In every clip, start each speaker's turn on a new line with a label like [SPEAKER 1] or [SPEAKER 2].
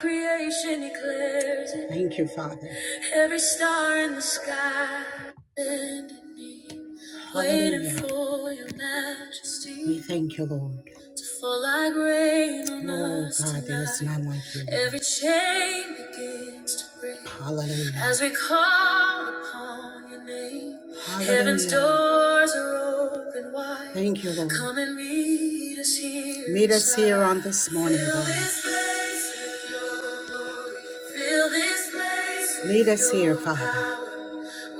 [SPEAKER 1] Creation declares it. Thank you, Father. Every star in the sky bending knee, waiting Hallelujah. for your majesty. We thank you, Lord. To fall like rain on oh, us God, there is tonight. none tonight. like you. Lord. Every chain begins to break. Hallelujah. As we call upon your name. Heaven's doors are open wide. Thank you, Lord. Come and meet us here. Meet us here on this morning, Lord. God. Fill this place Meet us here, Father. power.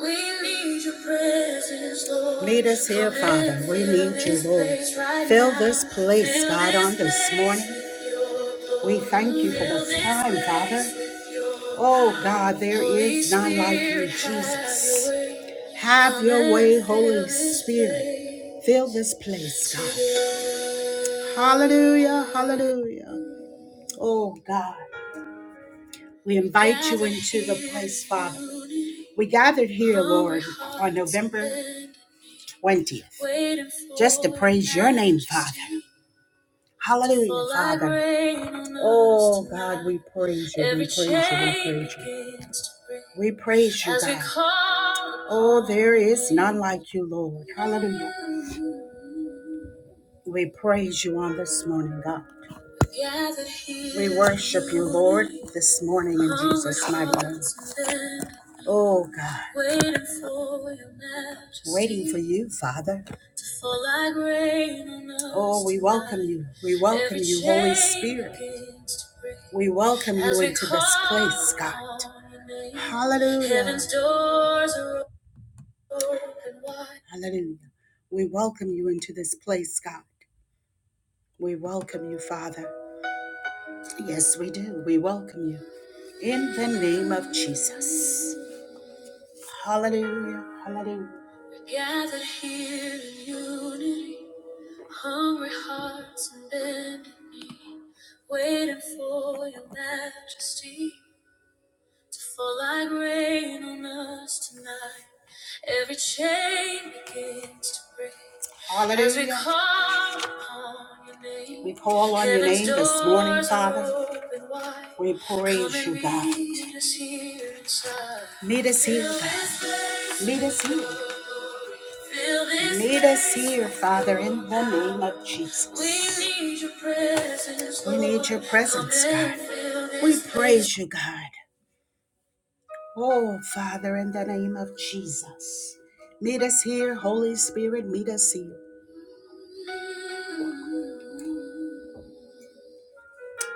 [SPEAKER 1] We need your presence, Lord. Meet us here, Father. We need you, Lord. right Fill this place, God, on this morning. We thank you for this time, Father. Oh God, there is none like you, Jesus. Have your way, Holy Spirit. Fill this place, God. Hallelujah, hallelujah. Oh God, we invite you into the place, Father. We gathered here, Lord, on November 20th just to praise your name, Father. Hallelujah, Father. Oh God, we praise you. We praise you. We praise you. We praise you, God. Oh, there is none like you, Lord. Hallelujah. We praise you on this morning, God. We worship you, Lord, this morning in Jesus' mighty name. Oh God, waiting for you, Father. like Oh, we welcome you. We welcome you, Holy Spirit. We welcome you into this place, God. Hallelujah. Hallelujah. We welcome you into this place, God. We welcome you, Father. Yes, we do. We welcome you in the name of Jesus. Hallelujah. Hallelujah. Gathered here in unity, hungry hearts and bending knee, waiting for your majesty, fall like rain on us tonight. Every chain begins to break. Hallelujah. As we call upon your name. We call on your name this morning, Father. We praise you, God. Meet us here. inside. Meet us here, God. Meet us here. Meet us here, Father, in the name of Jesus. We need your presence. God. We praise you, God. Oh, Father, in the name of Jesus, meet us here. Holy Spirit, meet us here.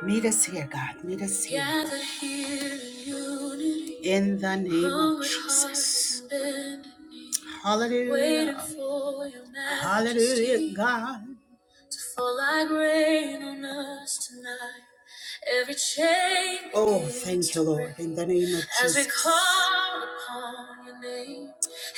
[SPEAKER 1] Meet us here, God. Meet us here. Gather here in unity. In the name of Jesus. Hallelujah. Waiting for your majesty. Hallelujah, God. Fall like rain on us tonight. Every chain. Oh, thank you, Lord, in the name of Jesus. As we Jesus. call upon your name,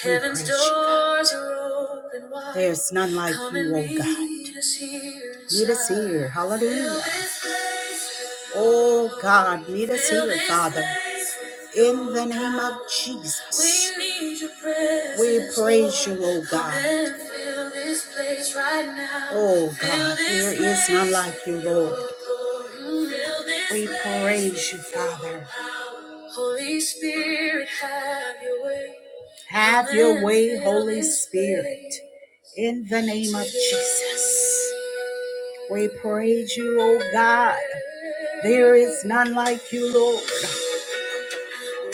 [SPEAKER 1] We heaven's praise you, God. doors are open wide. There's none like Come you, and O God. Meet us here. Meet us inside. here. Fill Hallelujah. this place with Oh God, meet us Fill here, this Father. place in the name of Jesus, we need your presence. We praise you, oh God. fill this place right now. Oh God, there is none like you, Lord. We praise you, Father. Holy Spirit, have your way. Have your way, Holy Spirit. In the name of Jesus, we praise you, oh God. There is none like you, Lord.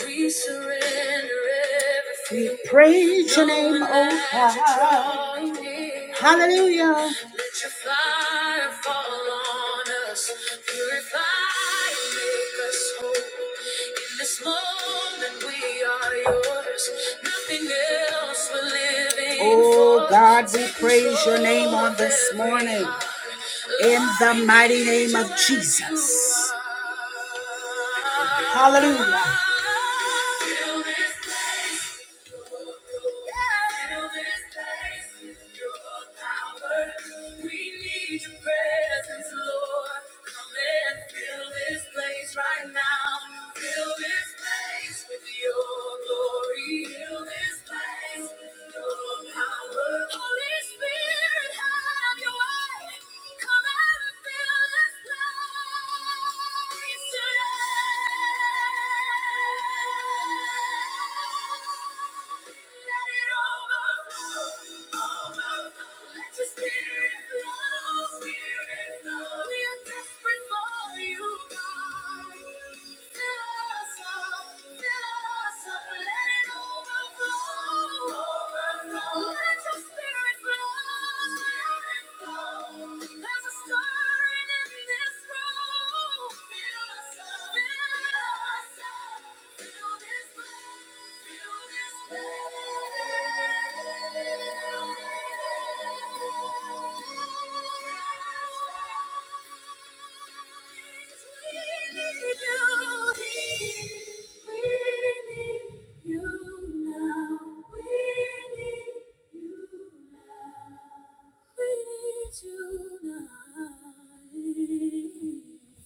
[SPEAKER 1] We surrender everything. We praise your name, oh God. Hallelujah. Let your fire fall on us. Purify and make us whole. In this moment, we are yours. Nothing else we're living for. Oh God, we praise your name on this morning. In the mighty name of Jesus. Hallelujah. Thank you. Let your spirit Spirit flow. There's a stirring in this room. Feel the sound. Feel this flame. Feel this flame.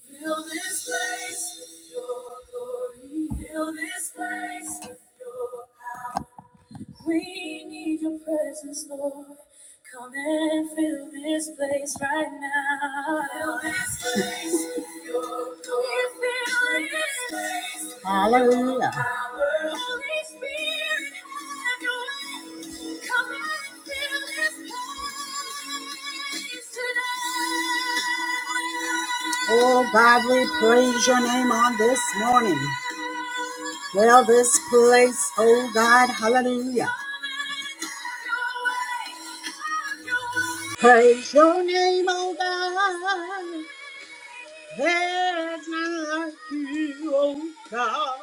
[SPEAKER 1] Fill this place with your glory. Fill this place with your we need your presence, Lord. Come and fill this place right now. Fill this place with your glory. Fill this place with your Hallelujah. power. Holy Spirit, have your way. Come and fill this place today. Oh God, we praise your name on this morning. Well, this place, oh God, hallelujah. Praise your name, oh God. There's none like you, oh God.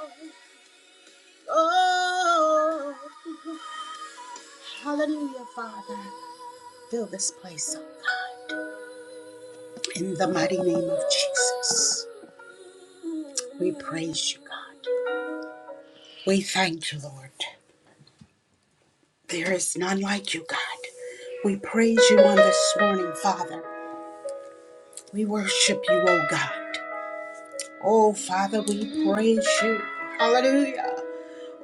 [SPEAKER 1] Oh, hallelujah, Father. Fill this place, oh God. In the mighty name of Jesus, we praise you, God. We thank you, Lord. There is none like you, God. We praise you on this morning, Father. We worship you, oh God. Oh, Father, we praise you. Hallelujah.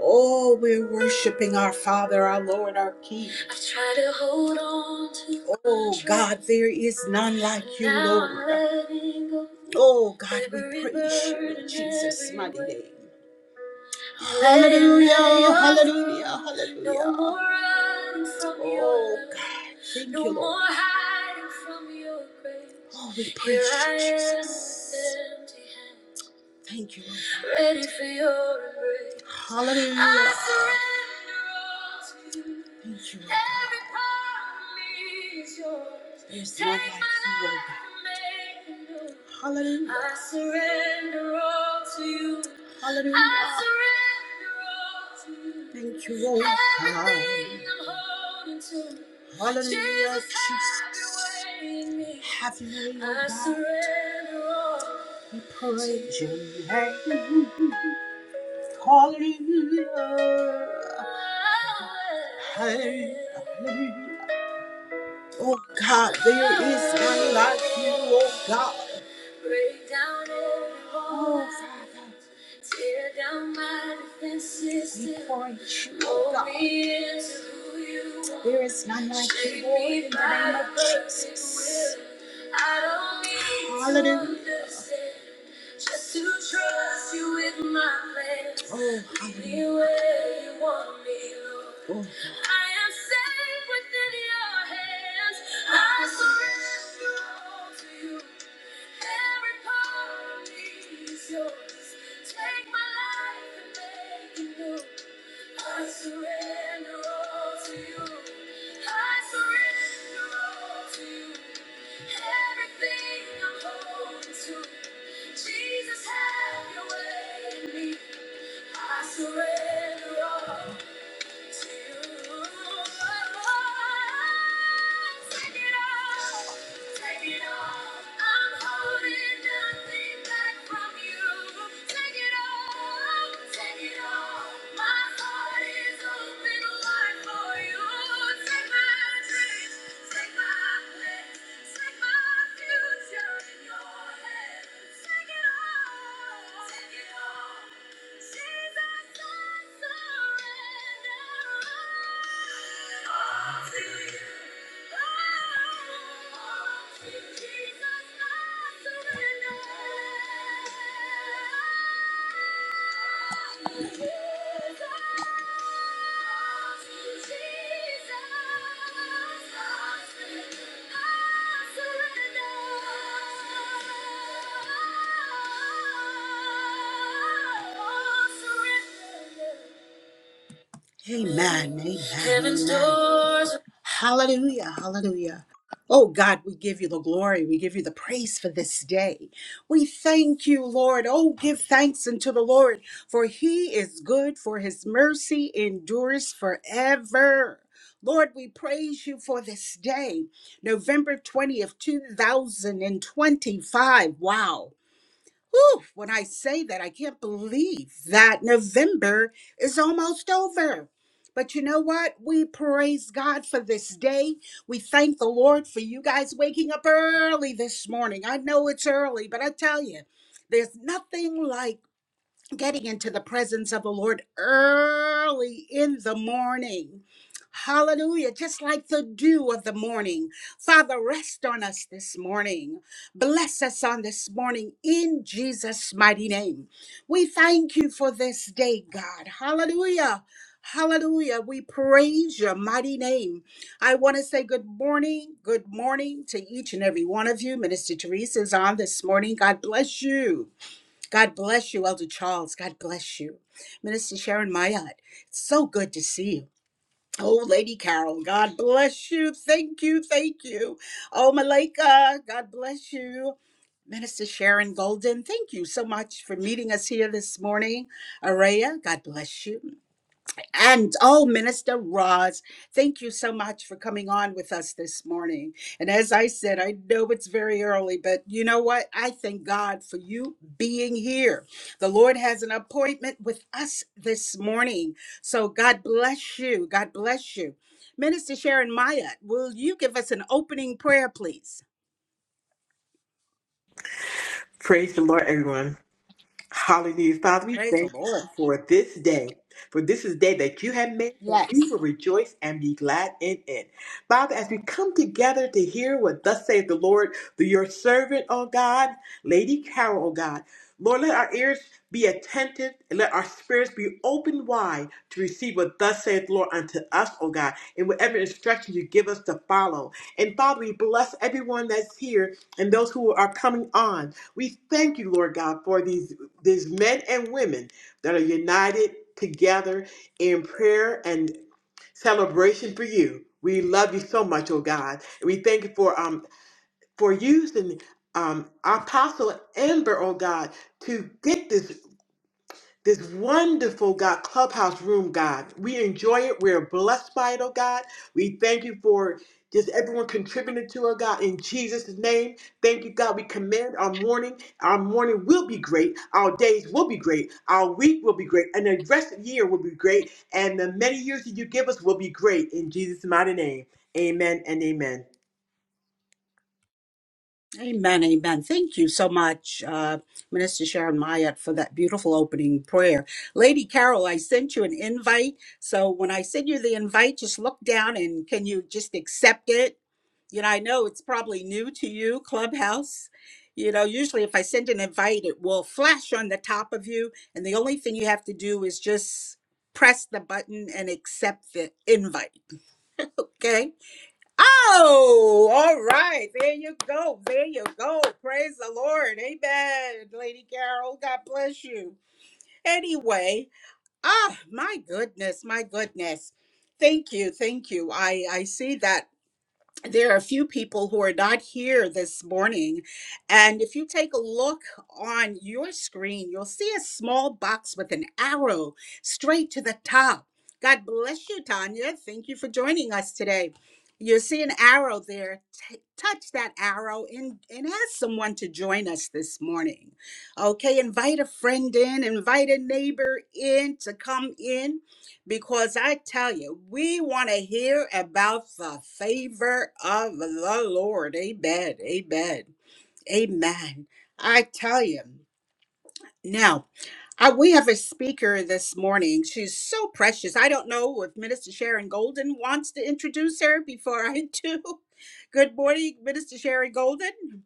[SPEAKER 1] Oh, we're worshiping our Father, our Lord, our King. I've tried to hold on to Oh God, there is none like you, Lord. Oh God, we praise you in Jesus' mighty name. Hallelujah, hallelujah, hallelujah. No oh God, thank no you, Lord. Oh, we praise you, Jesus. Thank you. Lord. Ready for your embrace. Hallelujah. I surrender all to you. Thank you. Lord. Every part of me is yours. There's none Take like my you, Lord life God. Life and make it new. Hallelujah. I surrender all to you. Hallelujah. I surrender all to you. Thank you, Lord. Everything I'm holding to. Hallelujah, Jesus. Jesus. Have your way in me. Have your way, Lord God. I surrender all. Praise your name. Hallelujah. Hallelujah. Oh God, there is none like you, oh God. Break down every wall. Oh, Father. Tear down my defenses. We point you, oh God. There is none like you, Lord, in the name of Jesus. I don't need to Hallelujah. understand, Just to trust you with my plans. Oh, hallelujah. where you want me, Lord. I am safe within your hands. I surrender all to you. Every part of me is yours. Take my life and make it new. I surrender all to you. I surrender all to you. Everything I'm holding Jesus, have your way in me. I surrender all. Jesus, I surrender all to you. Oh, Surrender. Amen. Amen. Heaven's doors. Hallelujah. Hallelujah. Oh God, we give you the glory. We give you the praise for this day. We thank you, Lord. Oh, give thanks unto the Lord, for he is good, for his mercy endures forever. Lord, we praise you for this day, November 20th, 2025. Wow. Whew, when I say that, I can't believe that November is almost over. But you know what? We praise God for this day. We thank the Lord for you guys waking up early this morning. I know it's early, but I tell you, there's nothing like getting into the presence of the Lord early in the morning. Hallelujah. Just like the dew of the morning. Father, rest on us this morning. Bless us on this morning in Jesus' mighty name. We thank you for this day, God. Hallelujah. Hallelujah. We praise your mighty name. I want to say good morning. Good morning to each and every one of you. Minister Teresa is on this morning. God bless you. God bless you, Elder Charles. God bless you. Minister Sharon Mayat, it's so good to see you. Oh, Lady Carol, God bless you. Thank you. Thank you. Oh, Malika, God bless you. Minister Sharon Golden, thank you so much for meeting us here this morning. Araya, God bless you. And oh, Minister Roz, thank you so much for coming on with us this morning. And as I said, I know it's very early, but you know what? I thank God for you being here. The Lord has an appointment with us this morning. So God bless you. God bless you. Minister Sharon Myatt, will you give us an opening prayer, please?
[SPEAKER 2] Praise the Lord, everyone. Hallelujah. Father, we
[SPEAKER 1] Praise the
[SPEAKER 2] thank you
[SPEAKER 1] Lord.
[SPEAKER 2] for this day. For this is the day that you have made, and
[SPEAKER 1] Yes.
[SPEAKER 2] we will rejoice and be glad in it. Father, as we come together to hear what thus saith the Lord through your servant, oh God, Lady Carol, oh God. Lord, let our ears be attentive and let our spirits be open wide to receive what thus saith the Lord unto us, O God, and whatever instruction you give us to follow. And Father, we bless everyone that's here and those who are coming on. We thank you, Lord God, for these there's men and women that are united together in prayer and celebration for you. We love you so much, oh God. And we thank you for um for using um apostle Amber, oh God, to get this this wonderful God clubhouse room, God. We enjoy it. We're blessed by it, oh God. We thank you for just everyone contributing to it, oh God. In Jesus' name, thank you, God. We commend our morning. Our morning will be great. Our days will be great. Our week will be great. And the rest of the year will be great. And the many years that you give us will be great. In Jesus' mighty name, amen and amen.
[SPEAKER 1] Amen, amen. Thank you so much, uh, Minister Sharon Mayat, for that beautiful opening prayer. Lady Carol, I sent you an invite. So when I send you the invite, just look down and can you just accept it? You know, I know it's probably new to you, Clubhouse. You know, usually if I send an invite, it will flash on the top of you. And the only thing you have to do is just press the button and accept the invite. Okay. Oh, all right. There you go. There you go. Praise the Lord. Amen. Lady Carol, God bless you. Anyway, ah, my goodness, my goodness. Thank you. Thank you. I I see that there are a few people who are not here this morning. And if you take a look on your screen, you'll see a small box with an arrow straight to the top. God bless you, Tanya. Thank you for joining us today. You'll see an arrow there. T- touch that arrow and, and ask someone to join us this morning. Okay, invite a friend in, invite a neighbor in to come in because I tell you, we want to hear about the favor of the Lord. Amen. Amen. Amen. I tell you. Now, I, we have a speaker this morning. She's so precious. I don't know if Minister Sharon Golden wants to introduce her before I do. Good morning, Minister Sharon Golden.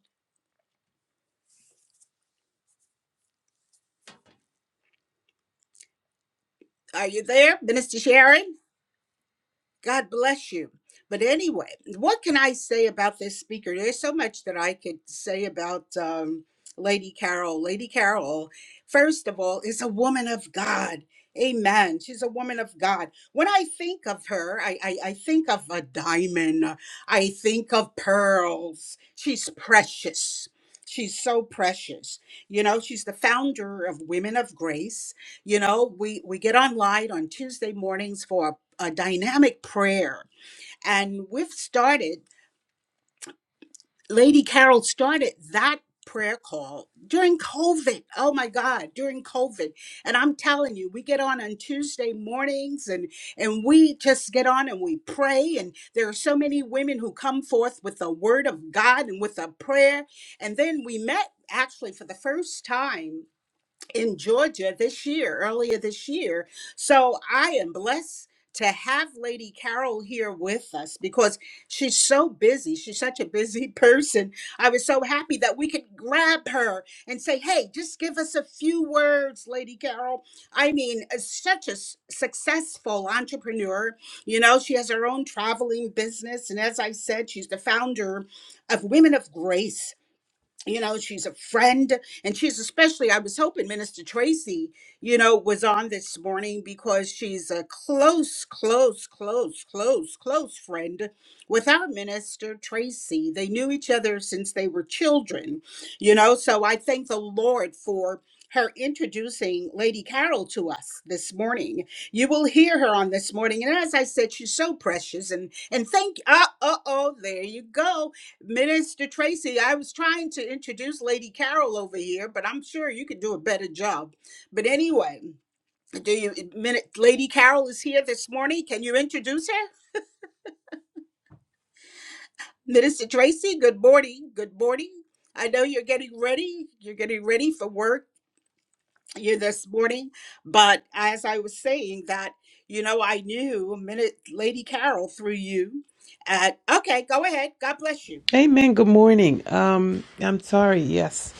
[SPEAKER 1] Are you there, Minister Sharon? God bless you. But anyway, what can I say about this speaker? There's so much that I could say about um, Lady Carol. Lady Carol, first of all, is a woman of God. Amen. She's a woman of God. When I think of her, I, I, I think of a diamond. I think of pearls. She's precious. She's so precious. You know, she's the founder of Women of Grace you know we we get online on tuesday mornings for a, a dynamic prayer and we've started lady carol started that prayer call during covid oh my god during covid and i'm telling you we get on on tuesday mornings and and we just get on and we pray and there are so many women who come forth with the word of god and with a prayer and then we met actually for the first time in Georgia this year, earlier this year. So I am blessed to have Lady Carol here with us because she's so busy. She's such a busy person. I was so happy that we could grab her and say, hey, just give us a few words, Lady Carol. I mean, uh, such a s- successful entrepreneur. You know, she has her own traveling business. And as I said, she's the founder of Women of Grace you know she's a friend and she's especially i was hoping minister tracy you know was on this morning because she's a close close close close close friend with our minister tracy they knew each other since they were children you know so i thank the lord for her introducing Lady Carol to us this morning. You will hear her on this morning. And as I said, she's so precious. And and thank uh uh oh, there you go Minister Tracy, I was trying to introduce Lady Carol over here, but I'm sure you could do a better job. But anyway, do you Min- Lady Carol is here this morning. Can you introduce her? Minister Tracy, good morning. Good morning. I know you're getting ready. You're getting ready for work here this morning. But as I was saying that, you know, I knew minute Lady Carol through you. At okay, go ahead. God bless you.
[SPEAKER 3] Amen. Good morning. Um, I'm sorry. Yes,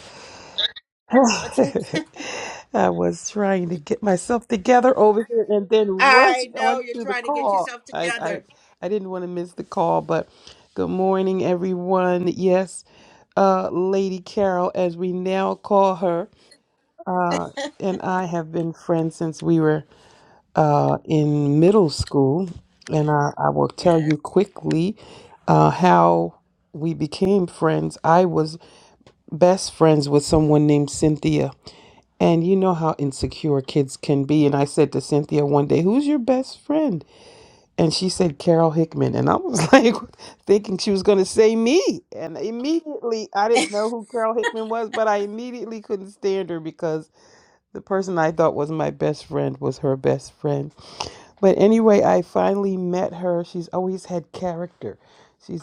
[SPEAKER 1] That's it.
[SPEAKER 3] I was trying to get myself together over here and then rush
[SPEAKER 1] I know you're
[SPEAKER 3] onto the
[SPEAKER 1] trying to get
[SPEAKER 3] call.
[SPEAKER 1] yourself
[SPEAKER 3] I,
[SPEAKER 1] together.
[SPEAKER 3] I, I didn't want to miss the call, but good morning, everyone. Yes, uh, Lady Carol, as we now call her, uh, and I have been friends since we were uh, in middle school, and I, I will tell
[SPEAKER 1] Yes.
[SPEAKER 3] you quickly uh, how we became friends. I was best friends with someone named Cynthia. And you know how insecure kids can be. And I said to Cynthia one day, Who's your best friend? And she said, Carol Hickman. And I was like, thinking she was going to say me. And immediately, I didn't know who Carol Hickman was, but I immediately couldn't stand her because the person I thought was my best friend was her best friend. But anyway, I finally met her. She's always had character. She's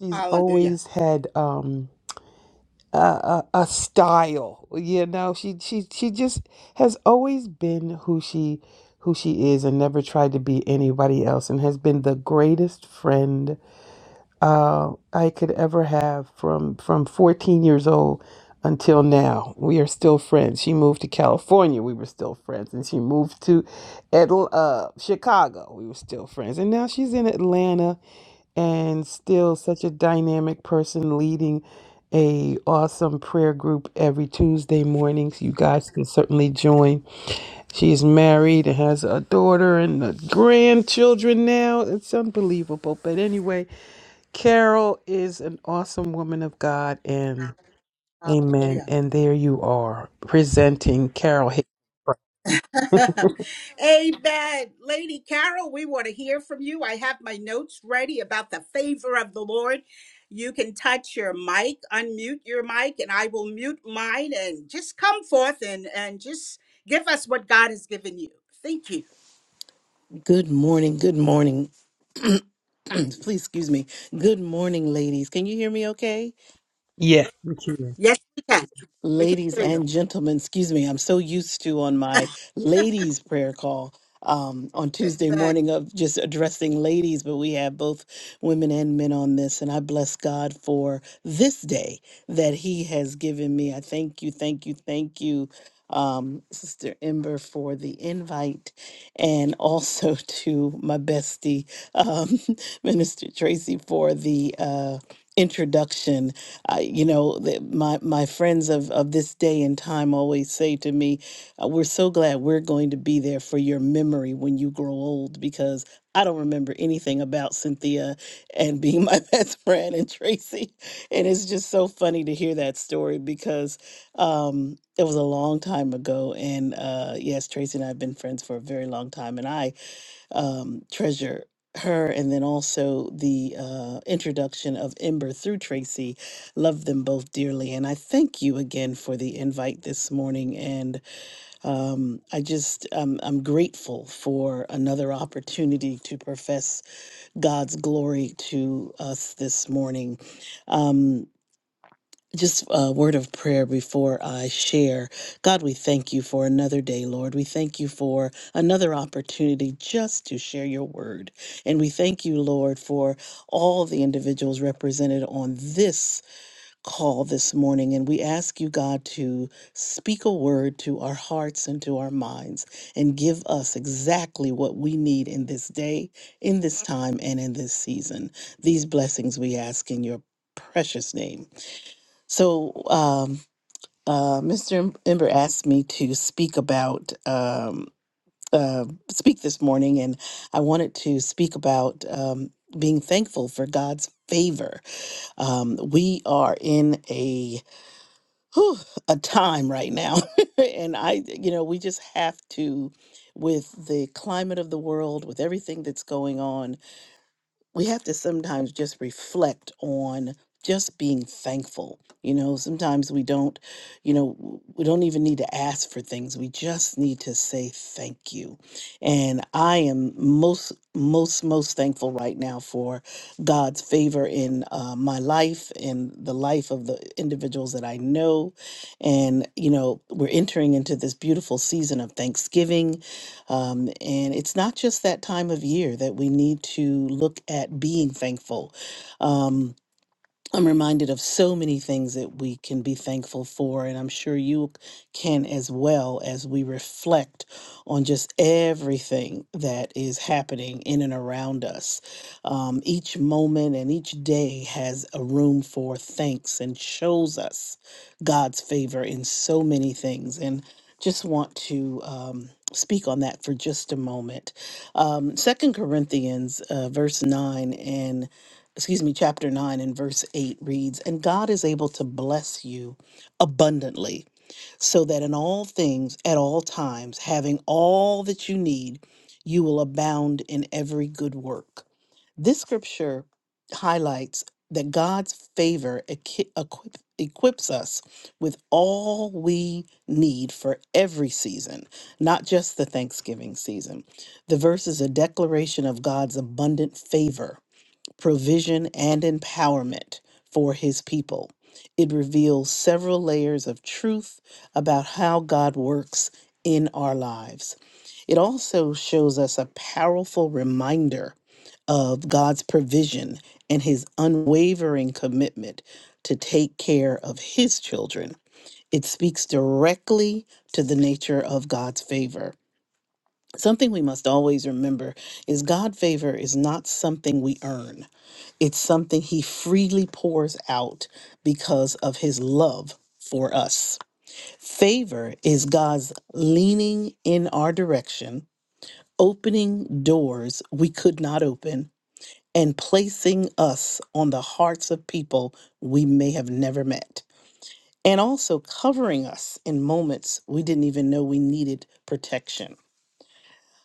[SPEAKER 3] she's
[SPEAKER 1] Hallelujah.
[SPEAKER 3] always had um a, a a style you know she she she just has always been who she who she is and never tried to be anybody else and has been the greatest friend uh, I could ever have from from 14 years old until now. We are still friends. She moved to California. We were still friends, and she moved to Atl- uh, Chicago. We were still friends, and now she's in Atlanta and still such a dynamic person leading a awesome prayer group every Tuesday mornings. You guys can certainly join. She is married and has a daughter and uh, grandchildren now. It's unbelievable. But anyway. Carol is an awesome woman of God, and amen.
[SPEAKER 1] Hallelujah.
[SPEAKER 3] And there you are presenting Carol. Hick-
[SPEAKER 1] Amen. Lady Carol, we want to hear from you. I have my notes ready about the favor of the Lord. You can touch your mic, unmute your mic, and I will mute mine and just come forth and, and just give us what God has given you. Thank you,
[SPEAKER 4] Good morning. Good morning.
[SPEAKER 1] Claudine.
[SPEAKER 4] Please excuse me. Good morning, ladies. Can you hear me okay?
[SPEAKER 3] Yeah, thank you.
[SPEAKER 1] Yes, we can. We can
[SPEAKER 4] Ladies
[SPEAKER 1] hear you.
[SPEAKER 4] and gentlemen, excuse me. I'm so used to on my ladies prayer call um, on Tuesday
[SPEAKER 1] Amen.
[SPEAKER 4] morning of just addressing ladies, but we have both women and men on this. And I bless God for this day. that He has given me. I thank you, thank you, thank you, um, Sister Ember, for the invite, and also to my bestie, um, Minister Tracy, for the. Uh, introduction I you know the, my my friends of of this day and time always say to me uh, we're so glad we're going to be there for your memory when you grow old because I don't remember anything about Cynthia and being my best friend and Tracy. And it's just so funny to hear that story because um, it was a long time ago. And uh, yes, Tracy and I have been friends for a very long time. And I um, treasure her and then also the uh, introduction of Ember through Tracy. Love them both dearly. And I thank you again for the invite this morning. And um, I just, um, I'm grateful for another opportunity to profess God's glory to us this morning. Um, just a word of prayer before I share. God, we thank you for another day, Lord. We thank you for another opportunity just to share your word. And we thank you, Lord, for all the individuals represented on this call this morning. And we ask you, God, to speak a word to our hearts and to our minds and give us exactly what we need in this day, in this time, and in this season. These blessings we ask in your precious name. So, um, uh, Mr. Ember asked me to speak about um, uh, speak this morning, and I wanted to speak about um, being thankful for God's favor. Um, we are in a whew, a time right now, and I, you know, we just have to. With the climate of the world, with everything that's going on, we have to sometimes just reflect on just being thankful. You know, sometimes we don't, you know, w- we don't even need to ask for things. We just need to say thank you. And I am most, most, most thankful right now for God's favor in uh, my life and the life of the individuals that I know. And, you know, we're entering into this beautiful season of Thanksgiving um, and it's not just that time of year that we need to look at being thankful. Um, I'm reminded of so many things that we can be thankful for, and I'm sure you can as well as we reflect on just everything that is happening in and around us. Um, each moment and each day has a room for thanks and shows us God's favor in so many things. And just want to um, speak on that for just a moment. Um, 2 Corinthians uh, verse 9 and excuse me, chapter 9 and verse 8 reads, And God is able to bless you abundantly, so that in all things, at all times, having all that you need, you will abound in every good work. This scripture highlights that God's favor equi- equip, equips us with all we need for every season, not just the Thanksgiving season. The verse is a declaration of God's abundant favor provision, and empowerment for his people. It reveals several layers of truth about how God works in our lives. It also shows us a powerful reminder of God's provision and his unwavering commitment to take care of his children. It speaks directly to the nature of God's favor. Something we must always remember is God's favor is not something we earn. It's something he freely pours out because of his love for us. Favor is God's leaning in our direction, opening doors we could not open, and placing us on the hearts of people we may have never met, and also covering us in moments we didn't even know we needed protection.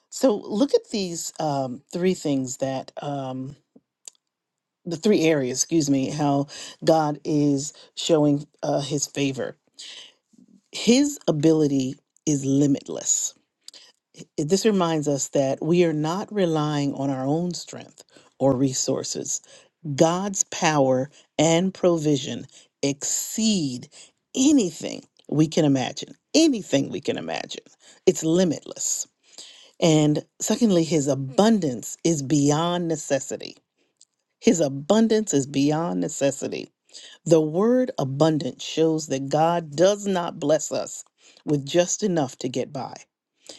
[SPEAKER 4] So, look at these um, three things that. um, the three areas, excuse me, how God is showing uh, his favor. His ability is limitless. I- This reminds us that we are not relying on our own strength or resources. God's power and provision exceed anything we can imagine, anything we can imagine. It's limitless. And secondly, his abundance is beyond necessity. His abundance is beyond necessity. The word abundant shows that God does not bless us with just enough to get by.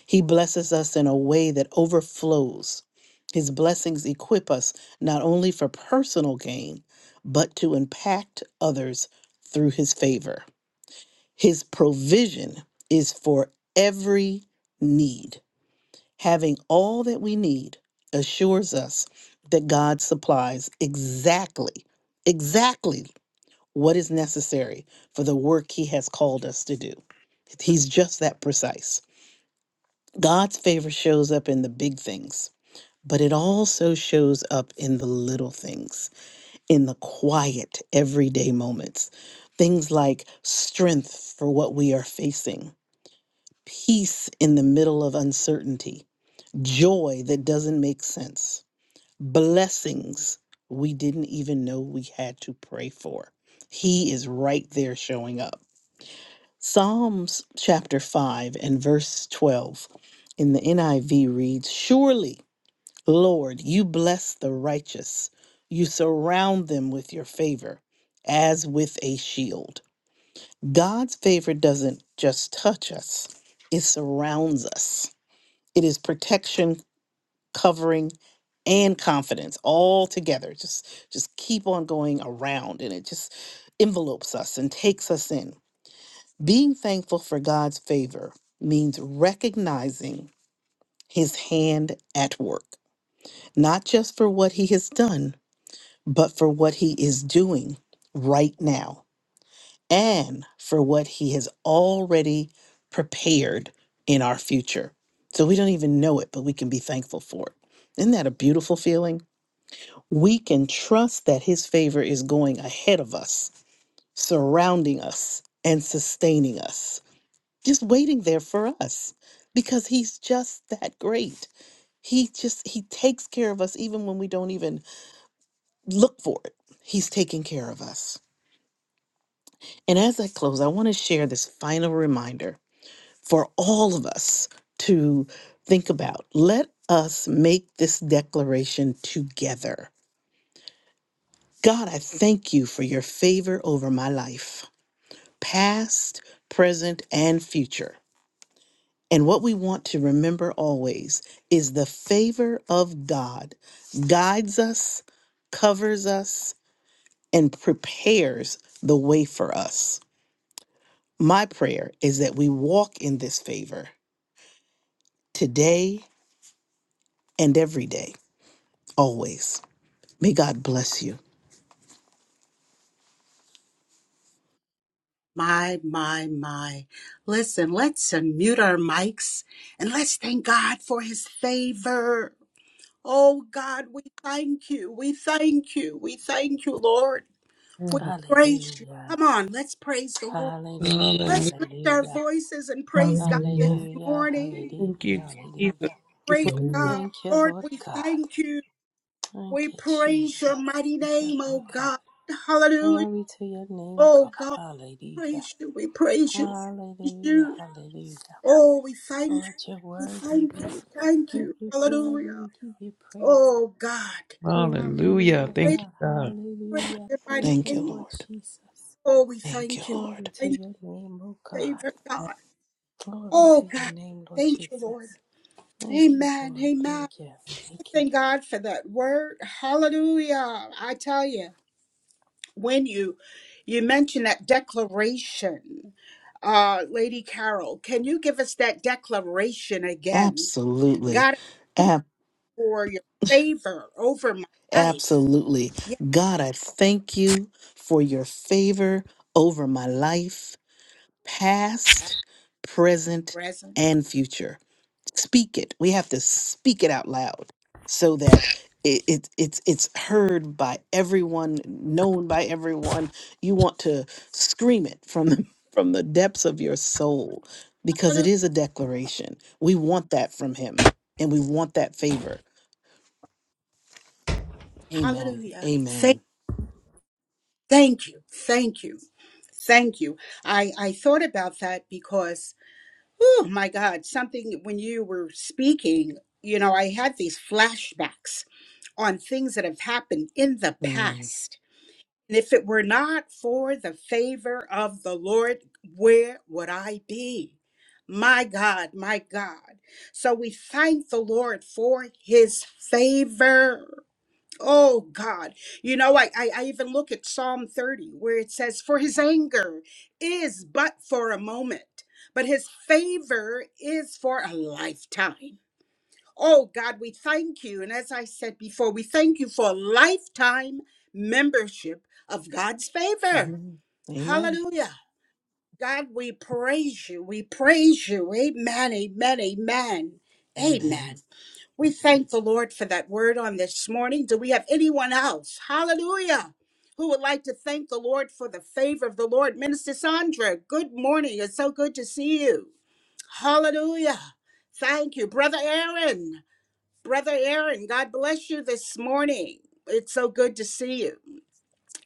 [SPEAKER 4] He blesses us in a way that overflows. His blessings equip us not only for personal gain, but to impact others through His favor. His provision is for every need. Having all that we need assures us that God supplies exactly, exactly what is necessary for the work he has called us to do. He's just that precise. God's favor shows up in the big things, but it also shows up in the little things, in the quiet, everyday moments. Things like strength for what we are facing, peace in the middle of uncertainty, joy that doesn't make sense, blessings we didn't even know we had to pray for. He is right there showing up. Psalms chapter 5 and verse 12 in the NIV reads Surely, Lord, you bless the righteous, you surround them with your favor as with a shield. God's favor doesn't just touch us, it surrounds us. It is protection, covering, and confidence all together. Just just keep on going around and it just envelopes us and takes us in. Being thankful for God's favor means recognizing his hand at work, not just for what he has done, but for what he is doing right now and for what he has already prepared in our future. So we don't even know it, but we can be thankful for it. Isn't that a beautiful feeling? We can trust that his favor is going ahead of us, surrounding us, and sustaining us. just waiting there for us because he's just that great. He just he takes care of us even when we don't even look for it. He's taking care of us. And as I close, I want to share this final reminder for all of us to think about. Let us make this declaration together. God, I thank you for your favor over my life, past, present, and future. And what we want to remember always is the favor of God guides us, covers us, and prepares the way for us. My prayer is that we walk in this favor today and every day, always. May God bless you,
[SPEAKER 1] my, my, my. Listen, let's unmute our mics and let's thank God for his favor. Oh God, we thank you. We thank you. We thank you, Lord. We praise you.
[SPEAKER 5] Hallelujah.
[SPEAKER 1] Come on, let's praise the Lord.
[SPEAKER 5] Hallelujah.
[SPEAKER 3] Hallelujah.
[SPEAKER 1] Let's lift our
[SPEAKER 5] Hallelujah.
[SPEAKER 1] voices and praise God this
[SPEAKER 2] Hallelujah.
[SPEAKER 5] Hallelujah.
[SPEAKER 1] morning.
[SPEAKER 3] Thank you,
[SPEAKER 5] Hallelujah.
[SPEAKER 3] Jesus. Thank
[SPEAKER 5] Hallelujah.
[SPEAKER 3] you for-
[SPEAKER 1] Great God.
[SPEAKER 5] Thank you,
[SPEAKER 1] Lord,
[SPEAKER 5] Lord
[SPEAKER 1] we
[SPEAKER 5] God.
[SPEAKER 1] thank you.
[SPEAKER 5] Thank
[SPEAKER 1] We
[SPEAKER 5] you,
[SPEAKER 1] praise your
[SPEAKER 5] Jesus.
[SPEAKER 1] mighty
[SPEAKER 5] Thank you,
[SPEAKER 1] name,
[SPEAKER 5] Lord
[SPEAKER 1] oh
[SPEAKER 5] God.
[SPEAKER 1] God. Hallelujah.
[SPEAKER 5] Glory to your name,
[SPEAKER 1] Oh
[SPEAKER 5] God.
[SPEAKER 1] God,
[SPEAKER 5] Hallelujah.
[SPEAKER 1] praise you. We praise you. We praise
[SPEAKER 5] Hallelujah.
[SPEAKER 1] you.
[SPEAKER 5] Hallelujah.
[SPEAKER 1] Oh, we thank you.
[SPEAKER 5] Lord, your word,
[SPEAKER 1] We
[SPEAKER 5] worthy.
[SPEAKER 1] thank
[SPEAKER 5] We
[SPEAKER 1] you. We thank
[SPEAKER 5] give
[SPEAKER 1] you.
[SPEAKER 5] you glory.
[SPEAKER 1] Hallelujah.
[SPEAKER 5] We give you praise.
[SPEAKER 1] Oh God.
[SPEAKER 5] We honor you,
[SPEAKER 3] Hallelujah.
[SPEAKER 5] Lord
[SPEAKER 1] Praise,
[SPEAKER 3] Thank you,
[SPEAKER 5] God.
[SPEAKER 3] God.
[SPEAKER 1] praise
[SPEAKER 4] Lord.
[SPEAKER 5] Hallelujah.
[SPEAKER 1] your
[SPEAKER 5] Thank
[SPEAKER 1] mighty
[SPEAKER 4] Thank you,
[SPEAKER 5] you, Lord
[SPEAKER 1] name.
[SPEAKER 4] Lord.
[SPEAKER 5] Jesus.
[SPEAKER 1] Oh, we
[SPEAKER 4] Thank you,
[SPEAKER 1] thank you. We
[SPEAKER 4] Lord.
[SPEAKER 5] Glory to
[SPEAKER 1] thank you,
[SPEAKER 5] your name, O God.
[SPEAKER 1] Savior God.
[SPEAKER 5] Glory
[SPEAKER 1] Oh,
[SPEAKER 5] to your
[SPEAKER 1] God.
[SPEAKER 5] name, Lord
[SPEAKER 1] Thank you, Lord.
[SPEAKER 5] Jesus. Thank you,
[SPEAKER 1] Amen.
[SPEAKER 5] Lord.
[SPEAKER 1] Amen.
[SPEAKER 5] Thank you.
[SPEAKER 1] I
[SPEAKER 5] Thank you,
[SPEAKER 1] Thank God for that word. Hallelujah. I tell you, when you you mention that declaration, uh, Lady Carol, can you give us that declaration again?
[SPEAKER 4] Absolutely.
[SPEAKER 1] God,
[SPEAKER 4] Ab-
[SPEAKER 1] for your favor over my life.
[SPEAKER 4] absolutely.
[SPEAKER 1] Yeah,
[SPEAKER 4] God, I thank you for your favor over my life.
[SPEAKER 1] past,
[SPEAKER 4] past, present,
[SPEAKER 1] present.
[SPEAKER 4] and future. Speak it. We have to speak it out loud so that it, it it's it's heard by everyone, known by everyone. You want to scream it from the, from the depths of your soul because it is a declaration. We want that from him and we want that favor. Amen.
[SPEAKER 1] Hallelujah.
[SPEAKER 4] Amen.
[SPEAKER 1] Thank you. Thank you. Thank you. I, I thought about that because, oh my God, something when you were speaking, you know, I had these flashbacks on things that have happened in the
[SPEAKER 4] Mm.
[SPEAKER 1] past. And if it were not for the favor of the Lord, where would I be? My God, my God. So we thank the Lord for his favor. Oh God. You know, I, I I even look at Psalm 30 where it says, For his anger is but for a moment, but his favor is for a lifetime. Oh God, we thank you. And as I said before, we thank you for a lifetime membership of God's favor.
[SPEAKER 4] Amen. Amen.
[SPEAKER 1] Hallelujah. God, we praise you. We praise you. Amen. Amen. Amen.
[SPEAKER 4] Amen.
[SPEAKER 1] Amen. We thank the Lord for that word on this morning. Do we have anyone else? Hallelujah. Who would like to thank the Lord for the favor of the Lord? Minister Sandra, good morning. It's so good to see you. Hallelujah. Thank you. Brother Aaron, Brother Aaron, God bless you this morning. It's so good to see you.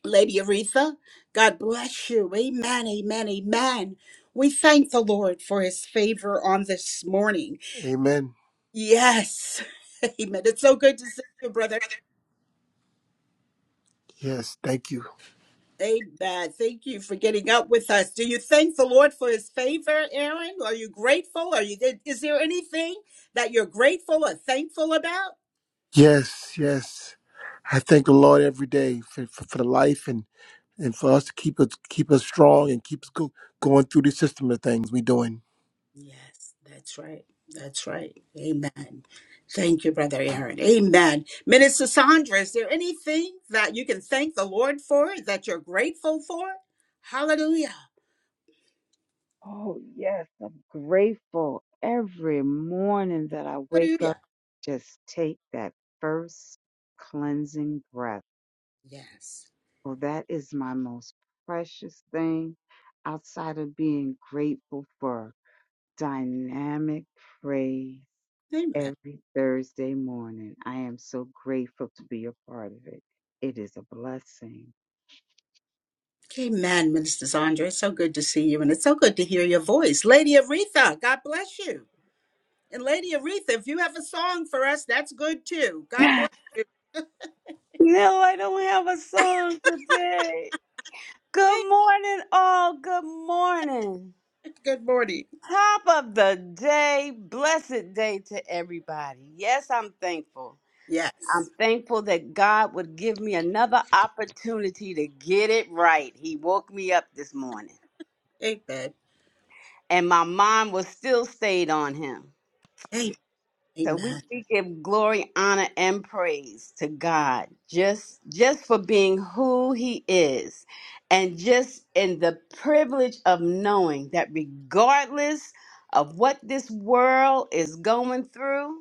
[SPEAKER 1] Lady Aretha, God bless you. Amen, amen, amen. We thank the Lord for his favor on this morning.
[SPEAKER 6] Amen.
[SPEAKER 1] Yes. Amen. It's so good to see you, brother.
[SPEAKER 6] Yes, thank you.
[SPEAKER 1] Amen. Thank you for getting up with us. Do you thank the Lord for his favor, Aaron? Are you grateful? Are you is there anything that you're grateful or thankful about?
[SPEAKER 6] Yes, yes. I thank the Lord every day for, for, for the life and, and for us to keep us keep us strong and keep us go, going through the system of things we are doing.
[SPEAKER 1] Yes, that's right. That's right. Amen. Thank you, brother Aaron. Amen. Minister Sandra, is there anything that you can thank the Lord for that you're grateful for? Hallelujah.
[SPEAKER 7] Oh, yes, I'm grateful every morning that I wake up.
[SPEAKER 1] Hallelujah.
[SPEAKER 7] Just take that first cleansing breath.
[SPEAKER 1] Yes.
[SPEAKER 7] Well, that is my most precious thing outside of being grateful for dynamic praise
[SPEAKER 1] Amen.
[SPEAKER 7] every Thursday morning. I am so grateful to be a part of it. It is a blessing.
[SPEAKER 1] Amen, Minister Zandra. It's so good to see you, and it's so good to hear your voice. Lady Aretha, God bless you. And Lady Aretha, if you have a song for us, that's good too. God bless you.
[SPEAKER 8] No, I don't have a song today.
[SPEAKER 1] Thank
[SPEAKER 8] Good morning, all. Good morning.
[SPEAKER 1] Good morning.
[SPEAKER 8] Top of the day, blessed day to everybody. Yes, I'm thankful.
[SPEAKER 1] Yes.
[SPEAKER 8] I'm thankful that God would give me another opportunity to get it right. He woke me up this morning,
[SPEAKER 1] Amen.
[SPEAKER 8] and my mind was still stayed on Him.
[SPEAKER 1] Amen.
[SPEAKER 8] So we,
[SPEAKER 1] Amen.
[SPEAKER 8] we give glory, honor, and praise to God just just for being who He is, and just in the privilege of knowing that regardless of what this world is going through,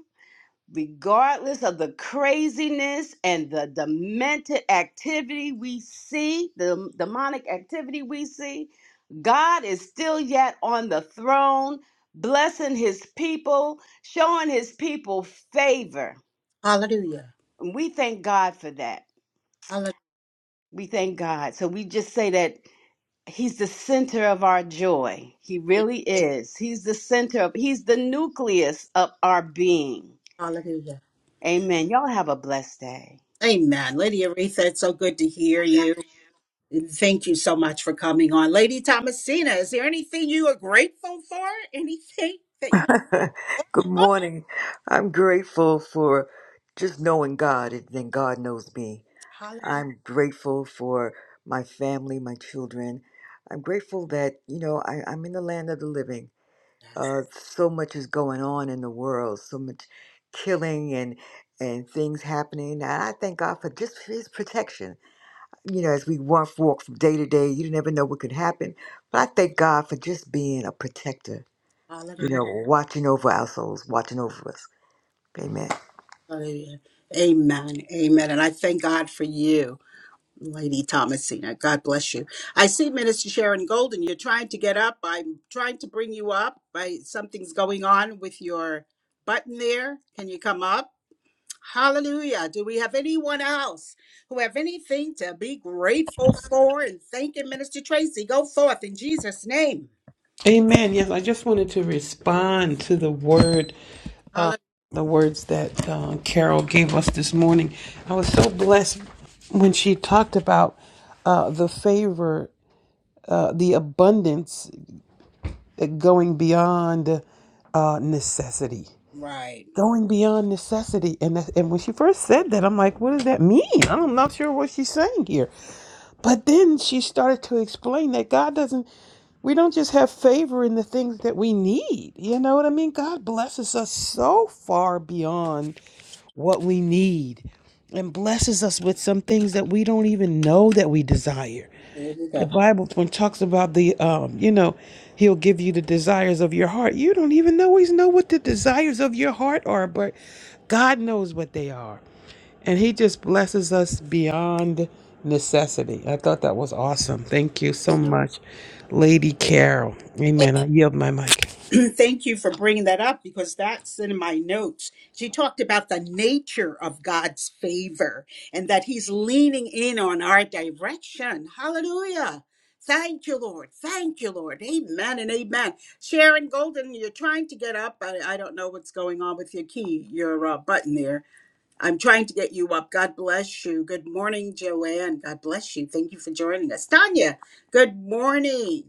[SPEAKER 8] regardless of the craziness and the demented activity we see, the demonic activity we see, God is still yet on the throne, blessing his people, showing his people favor.
[SPEAKER 1] Hallelujah.
[SPEAKER 8] And we thank God for that.
[SPEAKER 1] Hallelujah.
[SPEAKER 8] We thank God. So we just say that he's the center of our joy. He really is. He's the center of, he's the nucleus of our being.
[SPEAKER 1] Hallelujah.
[SPEAKER 8] Amen. Y'all have a blessed day.
[SPEAKER 1] Amen. Lady Aretha, it's so good to hear you. And Thank you so much for coming on. Lady Thomasina, is there anything you are grateful for? Anything that you
[SPEAKER 9] Good
[SPEAKER 1] want?
[SPEAKER 9] morning. I'm grateful for just knowing God and then God knows me.
[SPEAKER 1] Hallelujah.
[SPEAKER 9] I'm grateful for my family, my children. I'm grateful that, you know, I, I'm in the land of the living.
[SPEAKER 1] Yes.
[SPEAKER 9] Uh, so much is going on in the world, so much killing and and things happening. And I thank God for just his protection. You know, as we walk, walk from day to day, you never know what could happen. But I thank God for just being a protector you
[SPEAKER 1] Hallelujah.
[SPEAKER 9] know, watching over our souls, watching over us. Amen.
[SPEAKER 1] Hallelujah. Amen. Amen. And I thank God for you, Lady Thomasina. God bless you. I see Minister Sharon Golden. You're trying to get up. I'm trying to bring you up. By something's going on with your button there. Can you come up? Hallelujah. Do we have anyone else who have anything to be grateful for? And thanking Minister Tracy. Go forth in Jesus' name.
[SPEAKER 3] Amen. Yes, I just wanted to respond to the word, uh,
[SPEAKER 1] Hallelujah.
[SPEAKER 3] the words that uh, Carol gave us this morning. I was so blessed when she talked about uh, the favor, uh, the abundance. that going beyond uh, necessity,
[SPEAKER 1] Right.
[SPEAKER 3] going beyond necessity. And that, and when she first said that, I'm like, what does that mean? I'm not sure what she's saying here. But then she started to explain that God doesn't. We don't just have favor in the things that we need. You know what I mean? God blesses us so far beyond what we need, and blesses us with some things that we don't even know that we desire
[SPEAKER 1] There we
[SPEAKER 3] the
[SPEAKER 1] go.
[SPEAKER 3] Bible when it talks about the um, you know, he'll give you the desires of your heart. You don't even always know what the desires of your heart are, but God knows what they are. And he just blesses us beyond necessity. I thought that was awesome. Thank you so much, Lady Carol. Amen. I yield my mic.
[SPEAKER 1] Thank you for bringing that up because that's in my notes. She talked about the nature of God's favor and that He's leaning in on our direction. Hallelujah. Thank you, Lord. Thank you, Lord. Amen and amen. Sharon Golden, you're trying to get up. I, I don't know what's going on with your key, your uh, button there. I'm trying to get you up. God bless you. Good morning, Joanne. God bless you. Thank you for joining us. Tanya, good morning.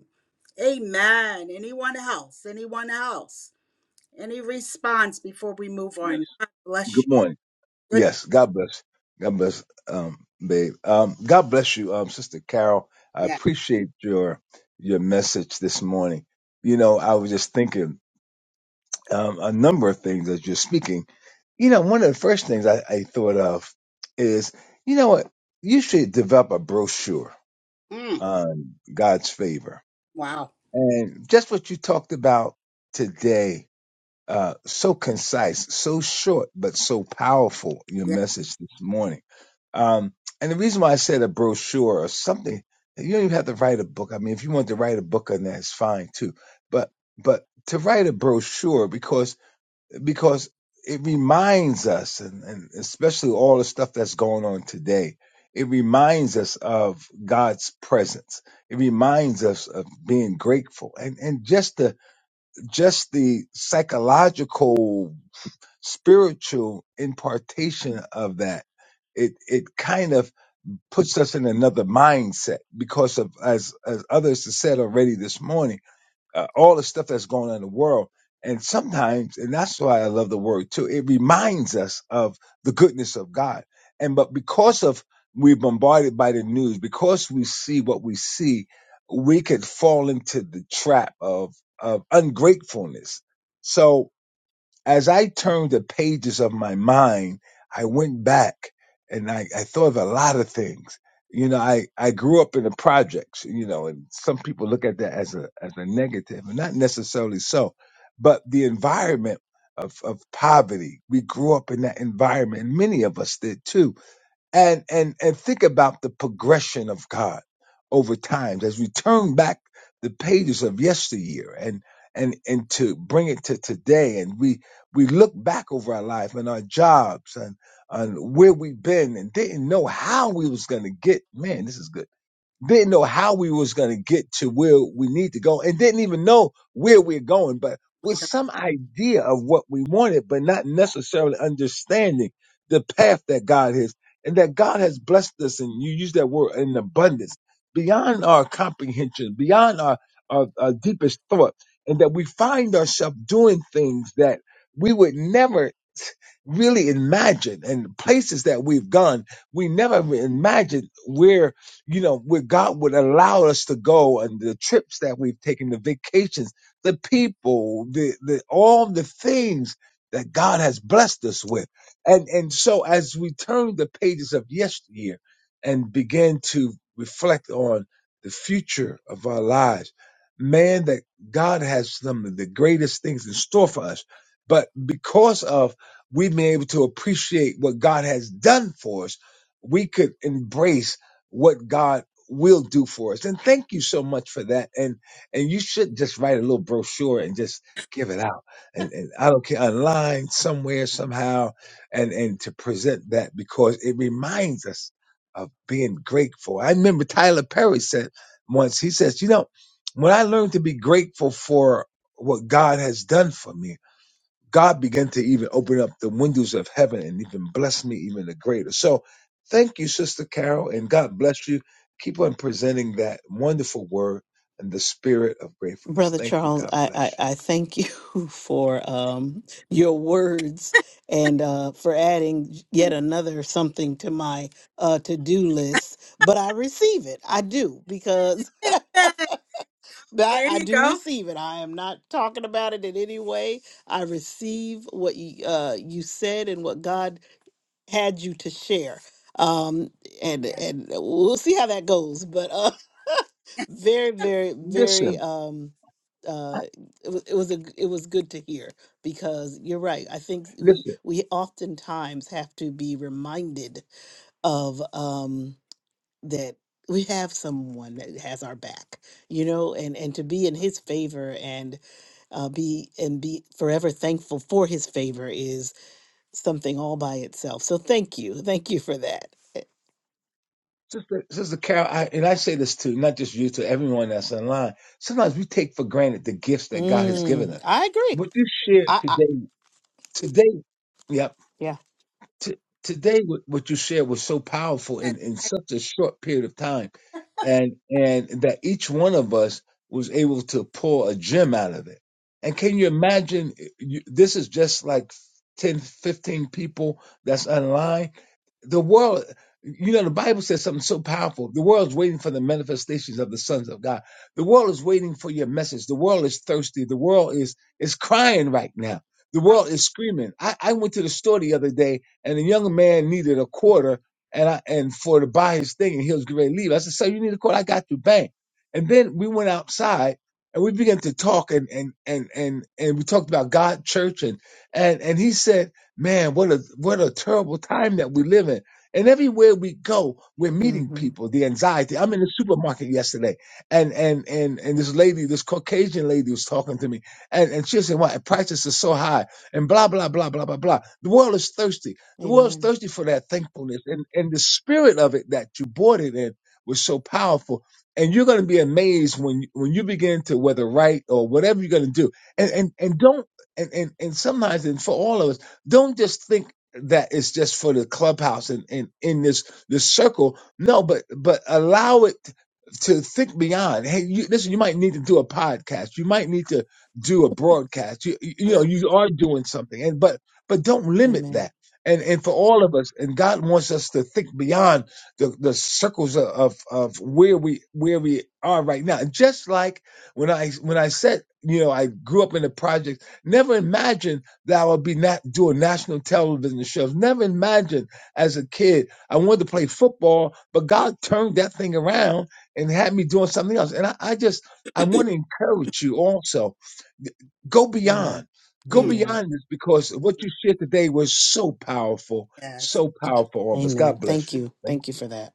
[SPEAKER 1] Amen. Anyone else? Anyone else? Any response before we move
[SPEAKER 10] Yes.
[SPEAKER 1] on? God bless
[SPEAKER 10] Good
[SPEAKER 1] you.
[SPEAKER 10] morning.
[SPEAKER 1] Good.
[SPEAKER 10] Yes. God bless. God bless, um, babe. Um, God bless you, um, Sister Carol. I
[SPEAKER 1] Yeah.
[SPEAKER 10] appreciate your your message this morning. You know, I was just thinking um, a number of things as you're speaking. You know, one of the first things I, I thought of is, you know what, you should develop a brochure
[SPEAKER 1] Mm.
[SPEAKER 10] on God's favor.
[SPEAKER 1] Wow.
[SPEAKER 10] And just what you talked about today Uh, so concise, so short, but so powerful, your
[SPEAKER 1] Yeah.
[SPEAKER 10] message this morning. Um, and the reason why I said a brochure or something, you don't even have to write a book. I mean, if you want to write a book on that, it's fine too. But but to write a brochure because because it reminds us, and, and especially all the stuff that's going on today, it reminds us of God's presence. It reminds us of being grateful, and and just the just the psychological, spiritual impartation of that, it it kind of puts us in another mindset because of as as others have said already this morning uh, all the stuff that's going on in the world. And sometimes, and that's why I love the word too, it reminds us of the goodness of God. And but because of we're bombarded by the news, because we see what we see, we could fall into the trap of of ungratefulness. So as I turned the pages of my mind, I went back and I, I thought of a lot of things. You know, I, I grew up in the projects, you know, and some people look at that as a as a negative, and not necessarily so. But the environment of, of poverty, we grew up in that environment, and many of us did too and and and think about the progression of God over time as we turn back the pages of yesteryear and and and to bring it to today and we we look back over our life and our jobs and and where we've been and didn't know how we was going to get man this is good didn't know how we was going to get to where we need to go and didn't even know where we're going but
[SPEAKER 1] My
[SPEAKER 10] with
[SPEAKER 1] God.
[SPEAKER 10] some idea of what we wanted but not necessarily understanding the path that god is and that god has blessed us and you use that word in abundance beyond our comprehension beyond our, our, our deepest thought and that we find ourselves doing things that we would never really imagine and places that we've gone we never imagined where you know where god would allow us to go and the trips that we've taken the vacations the people the, the all the things that god has blessed us with and and so as we turn the pages of yesteryear and begin to reflect on the future of our lives man that god has some of the greatest things in store for us but because of we've been able to appreciate what God has done for us, we could embrace what God will do for us. And thank you so much for that. And and you should just write a little brochure and just give it out. And, and I don't care online somewhere somehow and and to present that because it reminds us of being grateful. I remember Tyler Perry said once, he says, you know, when I learned to be grateful for what God has done for me, God began to even open up the windows of heaven and even bless me even the greater. So thank you, Sister Carol, and God bless you. Keep on presenting that wonderful word and the spirit of gratefulness.
[SPEAKER 4] Brother
[SPEAKER 10] Thank you.
[SPEAKER 4] Charles,
[SPEAKER 10] God
[SPEAKER 4] I, I,
[SPEAKER 10] bless
[SPEAKER 4] I thank you for um, your words and uh, for adding yet another something to my uh, to do list. But I receive it. I do, because
[SPEAKER 1] Yeah.
[SPEAKER 4] I,
[SPEAKER 1] There
[SPEAKER 4] I
[SPEAKER 1] you
[SPEAKER 4] do
[SPEAKER 1] go.
[SPEAKER 4] receive it. I am not talking about it in any way. I receive what you, uh, you said and what God had you to share. Um, and,
[SPEAKER 1] Yeah.
[SPEAKER 4] and we'll see how that goes. But uh, very, very,
[SPEAKER 10] you.
[SPEAKER 4] very.
[SPEAKER 10] Listen,
[SPEAKER 4] Um, uh, it was it was a g- it was good to hear because you're right. I think we
[SPEAKER 10] listen.
[SPEAKER 4] we oftentimes have to be reminded of um, that we have someone that has our back, you know, and and to be in His favor and uh, be and be forever thankful for His favor is something all by itself. So thank you, thank you for that.
[SPEAKER 10] Sister, Sister Carol, I, and I say this to not just you, to everyone that's online. Sometimes we take for granted the gifts that God has given
[SPEAKER 4] Mm,
[SPEAKER 10] us.
[SPEAKER 4] I agree.
[SPEAKER 10] What you shared
[SPEAKER 4] I, I
[SPEAKER 10] today, today, yep.
[SPEAKER 4] yeah.
[SPEAKER 10] T- today, what, what you shared was so powerful
[SPEAKER 1] Yeah.
[SPEAKER 10] in, in such a short period of time, and and that each one of us was able to pull a gem out of it. And can you imagine? You, this is just like 10, 15 people that's online the world you know the bible says something so powerful the world's waiting for the manifestations of the sons of god the world is waiting for your message the world is thirsty the world is is crying right now the world is screaming i, I went to the store the other day and a young man needed a quarter and i and for to buy his thing and he was going to leave i said "Sir, you need a quarter i got you bank and then we went outside and we began to talk and and and and, and we talked about god church and and and he said Man, what a what a terrible time that we live in. And everywhere we go, we're
[SPEAKER 4] hmm
[SPEAKER 10] meeting people. The anxiety. I'm in the supermarket yesterday, and and and and this lady, this Caucasian lady, was talking to me, and and she said, "Why prices are so high?" And blah blah blah blah blah blah. The world is thirsty. The world's
[SPEAKER 4] Amen.
[SPEAKER 10] thirsty for that thankfulness, and and the spirit of it that you bought it in was so powerful. And you're going to be amazed when when you begin to whether right or whatever you're going to do, and
[SPEAKER 1] Yeah.
[SPEAKER 10] and and don't and and and sometimes and for all of us don't just think that it's just for the clubhouse and in in this this circle. No, but but allow it to think beyond. Hey, you, listen, you might need to do a podcast. You might need to do a broadcast. You, you you know,
[SPEAKER 1] Hallelujah.
[SPEAKER 10] you are doing something, and but but don't limit
[SPEAKER 4] Amen.
[SPEAKER 10] that. And and for all of us, and God wants us to think beyond the the circles of of, of where we where we are right now. Just like when I when I said, you know, I grew up in the project, never imagined that I would be not doing national television shows. Never imagined as a kid I wanted to play football, but God turned that thing around and had me doing something else. And I, I just I want to encourage you also go
[SPEAKER 4] Amen.
[SPEAKER 10] beyond. Go
[SPEAKER 1] Mm.
[SPEAKER 4] Amen.
[SPEAKER 10] beyond this because what you shared today was so powerful,
[SPEAKER 1] Yes.
[SPEAKER 10] so powerful all of us.
[SPEAKER 4] Amen.
[SPEAKER 10] God bless
[SPEAKER 4] Thank
[SPEAKER 10] you.
[SPEAKER 4] you.
[SPEAKER 10] Thank
[SPEAKER 4] Thank you
[SPEAKER 10] you.
[SPEAKER 4] for that.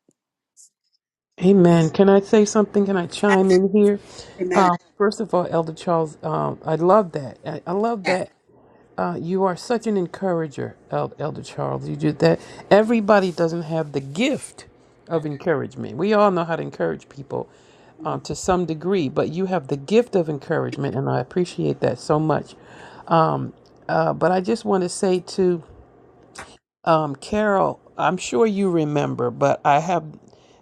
[SPEAKER 3] Amen. Can I say something? Can I chime in here?
[SPEAKER 1] Amen.
[SPEAKER 3] Uh, first of all, Elder Charles, um, I love that. I, I love
[SPEAKER 1] Yes.
[SPEAKER 3] that uh, you are such an encourager, El- Elder Charles. You do that. Everybody doesn't have the gift
[SPEAKER 1] yes.
[SPEAKER 3] of encouragement. We all know how to encourage people
[SPEAKER 1] Mm.
[SPEAKER 3] um, to some degree, but you have the gift of encouragement, and I appreciate that so much. Um, uh, but I just want to say to um, Carol, I'm sure you remember, but I have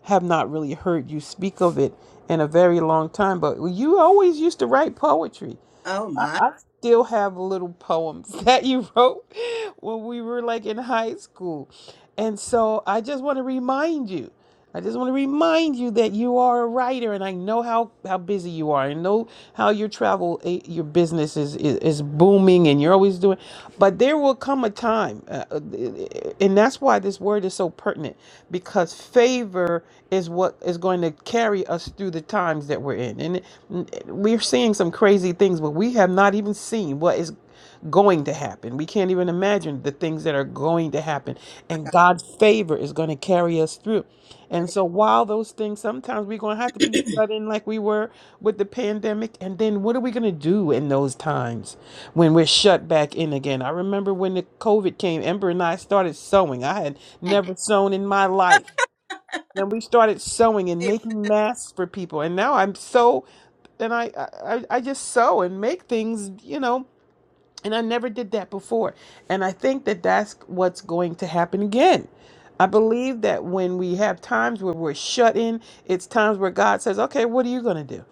[SPEAKER 3] have not really heard you speak of it in a very long time. But you always used to write poetry
[SPEAKER 1] Oh my.
[SPEAKER 3] still have little poems that you wrote when we were like in high school. And so I just want to remind you. I just want to remind you that you are a writer and I know how, how busy you are. I know how your travel, eh, your business is, is, is booming and you're always doing, but there will come a time. uh, uh, and that's why this word is so pertinent because favor is what is going to carry us through the times that times that we're in. And it- we're seeing some crazy things, but we have not even seen what is going to happen. We can't even imagine the things that are going to happen.
[SPEAKER 1] my
[SPEAKER 3] And
[SPEAKER 1] God.
[SPEAKER 3] God's favor is going to carry us through. And
[SPEAKER 1] Hallelujah.
[SPEAKER 3] so while those things sometimes we're going to have to be shut in like we were with the pandemic and then what are we going to do in those times when we're shut back in again? I remember when the COVID came, Ember and I started sewing. I had never sewn in my life and we started sewing and
[SPEAKER 1] Amen.
[SPEAKER 3] making masks for people and now i'm so and I, I i I just sew and make things you know and I never did that before. And I think that that's what's going to happen again. I believe that when we have times where we're shut in, it's times where God says, okay, what are you going to do?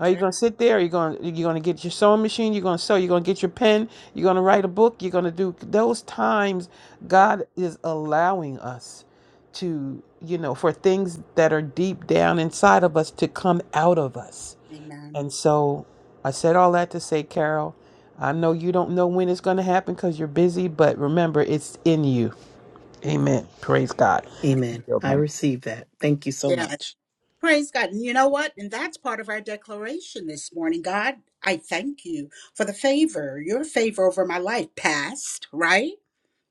[SPEAKER 3] Are you
[SPEAKER 1] right.
[SPEAKER 3] going to sit there? Are you going to, you're going to get your sewing machine? You're going to sew? You're going to get your pen? You're going to write a book? You're going to do those times
[SPEAKER 1] Hallelujah.
[SPEAKER 3] God is allowing us to, you know, for things that are deep down inside of us to come out of us
[SPEAKER 1] Amen.
[SPEAKER 3] and so I said all that to say, Carol, I know you don't know when it's going to happen because you're busy, but remember, it's in you.
[SPEAKER 1] Mm.
[SPEAKER 3] Amen. Praise God.
[SPEAKER 4] Amen. I receive that. Thank you so
[SPEAKER 1] Yeah.
[SPEAKER 4] much.
[SPEAKER 1] Praise God. And you know what? And that's part of our declaration this morning. God, I thank you for the favor, your favor over my life, past, right?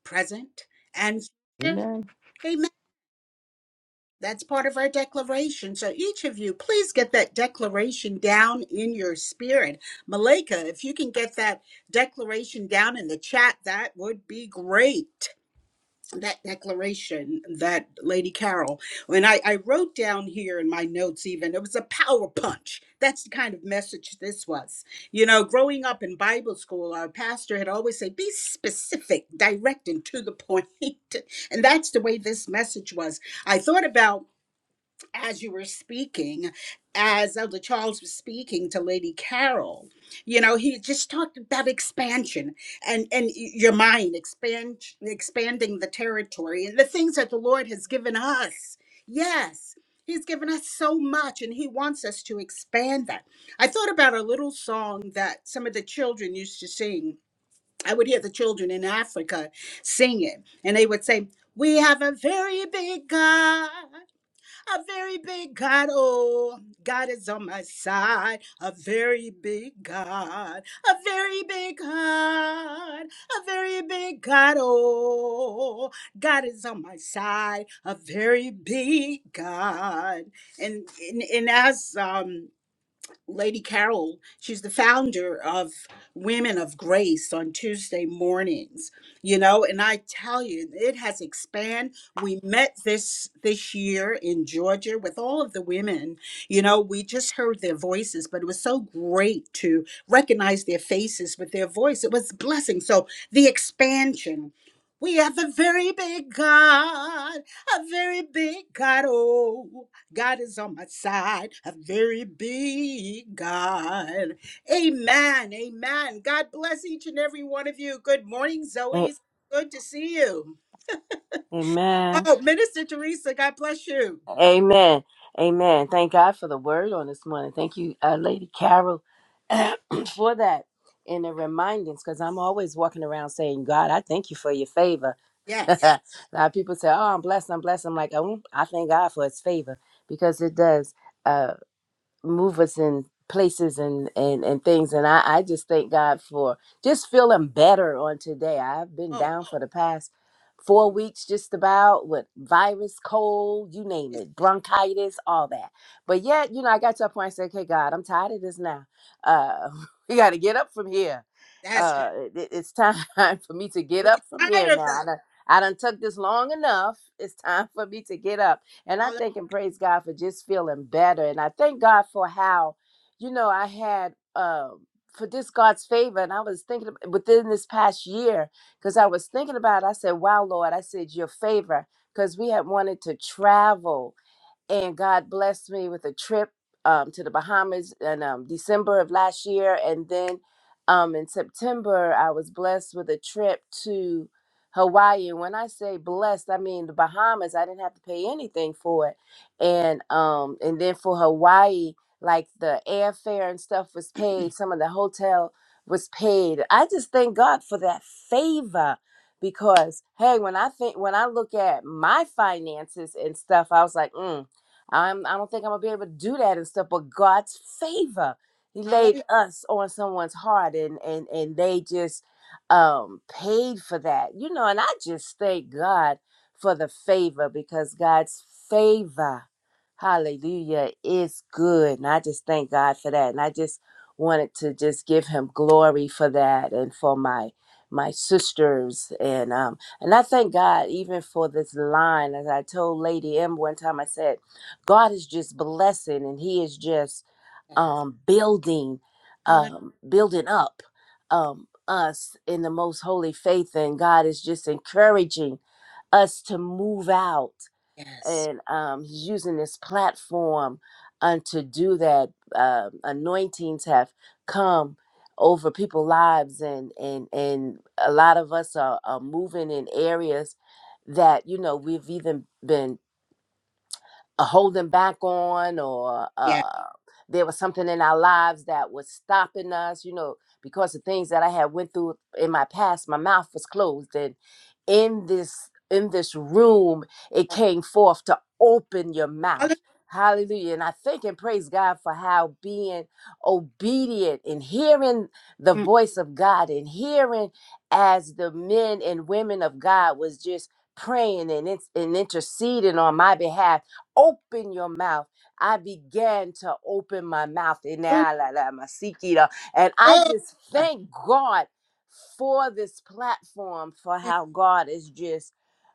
[SPEAKER 1] Present, and
[SPEAKER 4] Amen.
[SPEAKER 1] amen. That's part of our declaration. So each of you, please get that declaration down in your spirit. Malika, if you can get that declaration down in the chat, that would be great. that declaration that lady carol when I, I wrote down here in my notes even it was a power punch that's the kind of message this was you know growing up in bible school our pastor had always said be specific direct and to the point point," and that's the way this message was i thought about as you were speaking, as Elder Charles was speaking to Lady Carol, you know, he just talked about expansion and and your mind expand expanding the territory and the things that the Lord has given us. Yes. He's given us so much and he wants us to expand that. I thought about a little song that some of the children used to sing. I would hear the children in Africa sing it, and they would say, We have a very big God. A very big God, oh, God is on my side. A very big God, a very big God, a very big God, oh, God is on my side. A very big God, and and, and as um. Lady Carol, she's the founder of Women of Grace on Tuesday mornings, you know, and I tell you, it has expanded. We met this this year in Georgia with all of the women, you know, we just heard their voices, but it was so great to recognize their faces with their voice. It was a blessing. So the expansion. We have a very big God, a very big God. Oh. God is on my side, a very big God. Amen. Amen. God bless each and every one of you. Good morning,
[SPEAKER 5] Lord.
[SPEAKER 1] Zoe's. Good to see you.
[SPEAKER 5] A- Amen.
[SPEAKER 1] Oh, Minister Teresa, God bless you.
[SPEAKER 5] Amen. Amen. Thank God for the word on this morning. Thank you, uh, Lady Carol, for that and the remindance because I'm always walking around saying, God, I thank you for your favor. a
[SPEAKER 1] Yes.
[SPEAKER 5] lot of people say, Oh, I'm blessed. I'm blessed. I'm like, Oh, I thank God for his favor because it does. uh, move us in places and and and things and I I just thank God for just feeling better on today. I've been
[SPEAKER 1] Oh,
[SPEAKER 5] down for the past 4 weeks just about with virus, cold, you name
[SPEAKER 1] yes,
[SPEAKER 5] it, bronchitis, all that. But yet, you know, I got to a point I said, "Okay, God, I'm tired of this now. Uh we got to get up from here.
[SPEAKER 1] that's right.
[SPEAKER 5] Uh it, it- it's time for me to get
[SPEAKER 1] We
[SPEAKER 5] up
[SPEAKER 1] are
[SPEAKER 5] from here
[SPEAKER 1] tired
[SPEAKER 5] now.
[SPEAKER 1] of that.
[SPEAKER 5] I done, I done took this long enough. It's time for me to get up." And
[SPEAKER 1] Hallelujah.
[SPEAKER 5] I thank and praise God for just feeling better. And I thank God for how, you know, I had um for this God's favor. And I was thinking ab- within this past year, because I was thinking about, it, I said, wow, Lord, I said, your favor. Because we had wanted to travel and God blessed me with a trip um, to the Bahamas in um, December of last year, and then um, in September I was blessed with a trip to Hawaii. And when I say blessed, I mean the Bahamas. I didn't have to pay anything for it, and um, and then for Hawaii, like the airfare and stuff was paid. Some of the hotel was paid. I just thank God for that favor because hey, when I think when I look at my finances and stuff, I was like, mm, I'm, I don't think I'm gonna be able to do that and stuff. But God's favor, He laid
[SPEAKER 1] Hallelujah.
[SPEAKER 5] us on someone's heart, and and and they just um paid for that, you know. And I just thank God for the favor because God's favor, Hallelujah, is good, and I just thank God for that. And I just wanted to just give Him glory for that, and for my my sisters and um and I thank God even for this line as I told Lady M one time I said God is just blessing and he is just um building
[SPEAKER 1] Hallelujah.
[SPEAKER 5] um building up um us in the most holy faith and God is just encouraging us to move out
[SPEAKER 1] Yes.
[SPEAKER 5] and um he's using this platform um, to do that Um anointings have come over people's lives and and and a lot of us are, are moving in areas that you know we've even been uh, holding back on or
[SPEAKER 1] Yeah.
[SPEAKER 5] uh, there was something in our lives that was stopping us you know because of things that i had went through in my past my mouth was closed and in this in this room it came forth to open your
[SPEAKER 1] Hallelujah.
[SPEAKER 5] mouth hallelujah and i thank and praise god for how being obedient and hearing the
[SPEAKER 1] Mm,
[SPEAKER 5] voice of god and hearing as the men and women of god was just praying and, it's, and interceding on my behalf Open your mouth. I began to open my mouth. And
[SPEAKER 1] hallelujah.
[SPEAKER 5] now, la, la, my sikita. And I
[SPEAKER 1] Oh,
[SPEAKER 5] just
[SPEAKER 1] God.
[SPEAKER 5] thank God for this platform, for how God is just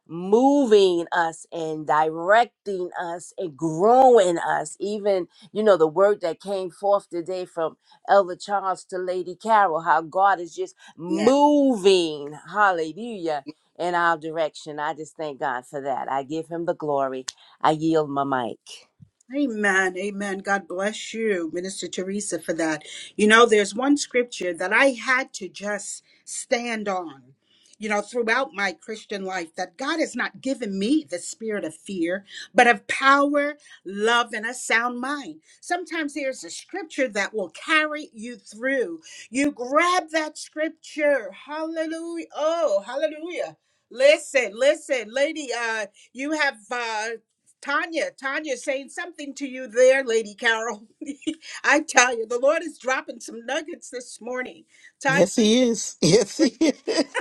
[SPEAKER 5] moving us and directing us and growing us. Even, you know, the word that came forth today from Elder Charles to Lady Carol, how God is just
[SPEAKER 1] Yes.
[SPEAKER 5] moving, hallelujah, in our direction. I just thank God for that. I give him the glory. I yield my mic.
[SPEAKER 1] Amen. Amen. God bless you, Minister Teresa, for that. You know, there's one scripture that I had to just stand on, you know, throughout my Christian life that God has not given me the spirit of fear, but of power, love, and a sound mind. Sometimes there's a scripture that will carry you through. You grab that scripture. Hallelujah. Oh, hallelujah. Listen, listen, lady, uh, you have uh Tanya, Tanya's saying something to you there, Lady Carol. I tell you, the Lord is dropping some nuggets this morning. Tanya,
[SPEAKER 4] Yes, he is. Yes, he
[SPEAKER 1] great.
[SPEAKER 4] is.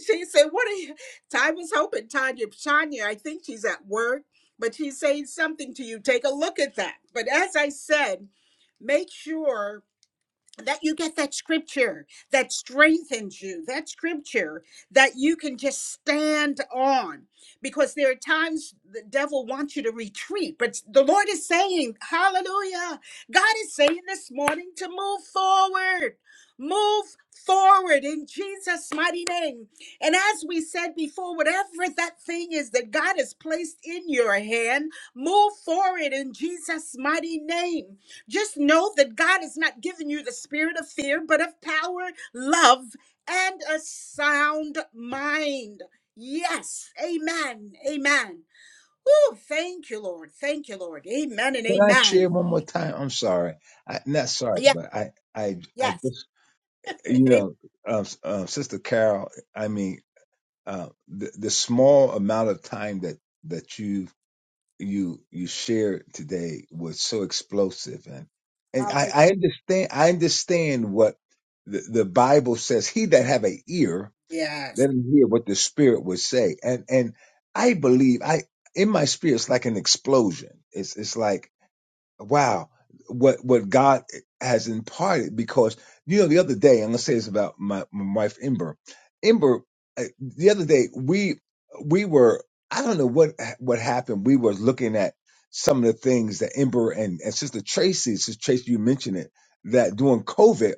[SPEAKER 1] she said, What are you? I was hoping Tanya, Tanya, I think she's at work, but she's saying something to you. Take a look at that. But as I said, make sure that you get that scripture that strengthens you, that scripture that you can just stand on. Because there are times the devil wants you to retreat, but the Lord is saying, Hallelujah. God is saying this morning to move forward. Move forward in Jesus' mighty name. And as we said before, whatever that thing is that God has placed in your hand, move forward in Jesus' mighty name just know that God has not given you the spirit of fear, but of power, love, and a sound mind. Yes. Amen. Amen. Oh, thank you, Lord. Thank you, Lord. Amen and
[SPEAKER 10] Can I share
[SPEAKER 1] amen.
[SPEAKER 10] one more time? I'm sorry. I, not sorry,
[SPEAKER 1] Yeah.
[SPEAKER 10] but I, I, I
[SPEAKER 1] Yes.
[SPEAKER 10] just, you
[SPEAKER 1] Amen.
[SPEAKER 10] know, uh, uh, Sister Carol. I mean, uh, the, the small amount of time that that you you you shared today was so explosive and and I,
[SPEAKER 1] Hallelujah.
[SPEAKER 10] I understand I understand what the, the Bible says he that have a ear
[SPEAKER 1] Yes.
[SPEAKER 10] let him hear what the spirit would say and and I believe I in my spirit it's like an explosion it's it's like wow what what god has imparted because you know the other day i'm gonna say this about my, my wife ember ember uh, the other day we we were i don't know what what happened we were looking at some of the things that ember and, and sister tracy sister tracy you mentioned it that during covid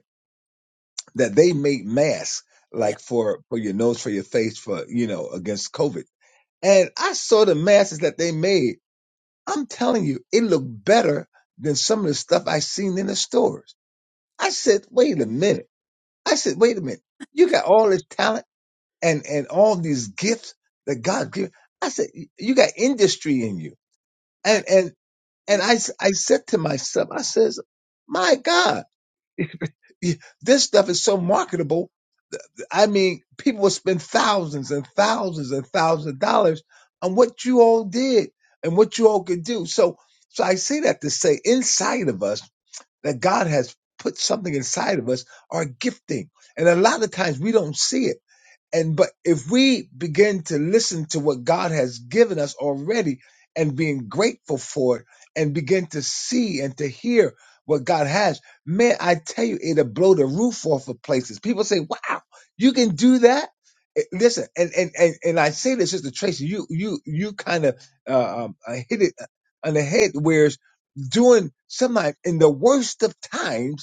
[SPEAKER 10] that they made masks
[SPEAKER 1] Yeah.
[SPEAKER 10] like for for your nose for your face for you know against covid and i saw the masks that they made I'm telling you, it looked better than some of the stuff I seen in the stores. I said, wait a minute. I said, wait a minute. You got all this talent and, and all these gifts that God gave. I said, y- you got industry in you.
[SPEAKER 1] My,
[SPEAKER 10] And, and,
[SPEAKER 1] my,
[SPEAKER 10] and I, s- I said to myself, I says, my God, y- this stuff is so marketable. I mean, people will spend thousands and thousands and thousands of dollars on what you all did and what you all could do. So, so I say that to say inside of us, that God has put something inside of us, our gifting. And a lot of times we don't see it and but if we begin to listen to what God has given us already and being grateful for it and begin to see and to hear what God has, man, I tell you, it'll blow the roof off of places. People say, Wow, you can do that. Eh, Listen, and and and, and I say this, Sister Tracy, you you you kind of uh, um, uh, hit it uh, on the head. Whereas doing sometimes in the worst of times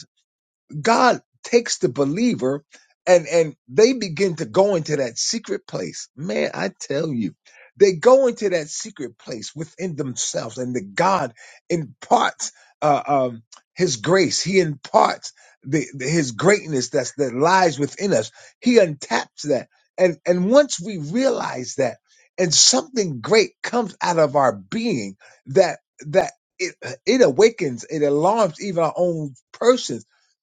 [SPEAKER 10] God takes the believer and and they begin to go into that secret place. Man, I tell you, they go into that secret place within themselves, and the God imparts uh, um, His grace. He imparts the, the- His greatness that's that lies within us. He untaps that, and and once we realize that, and something great comes out of our being that that. It, it awakens, it alarms even our own person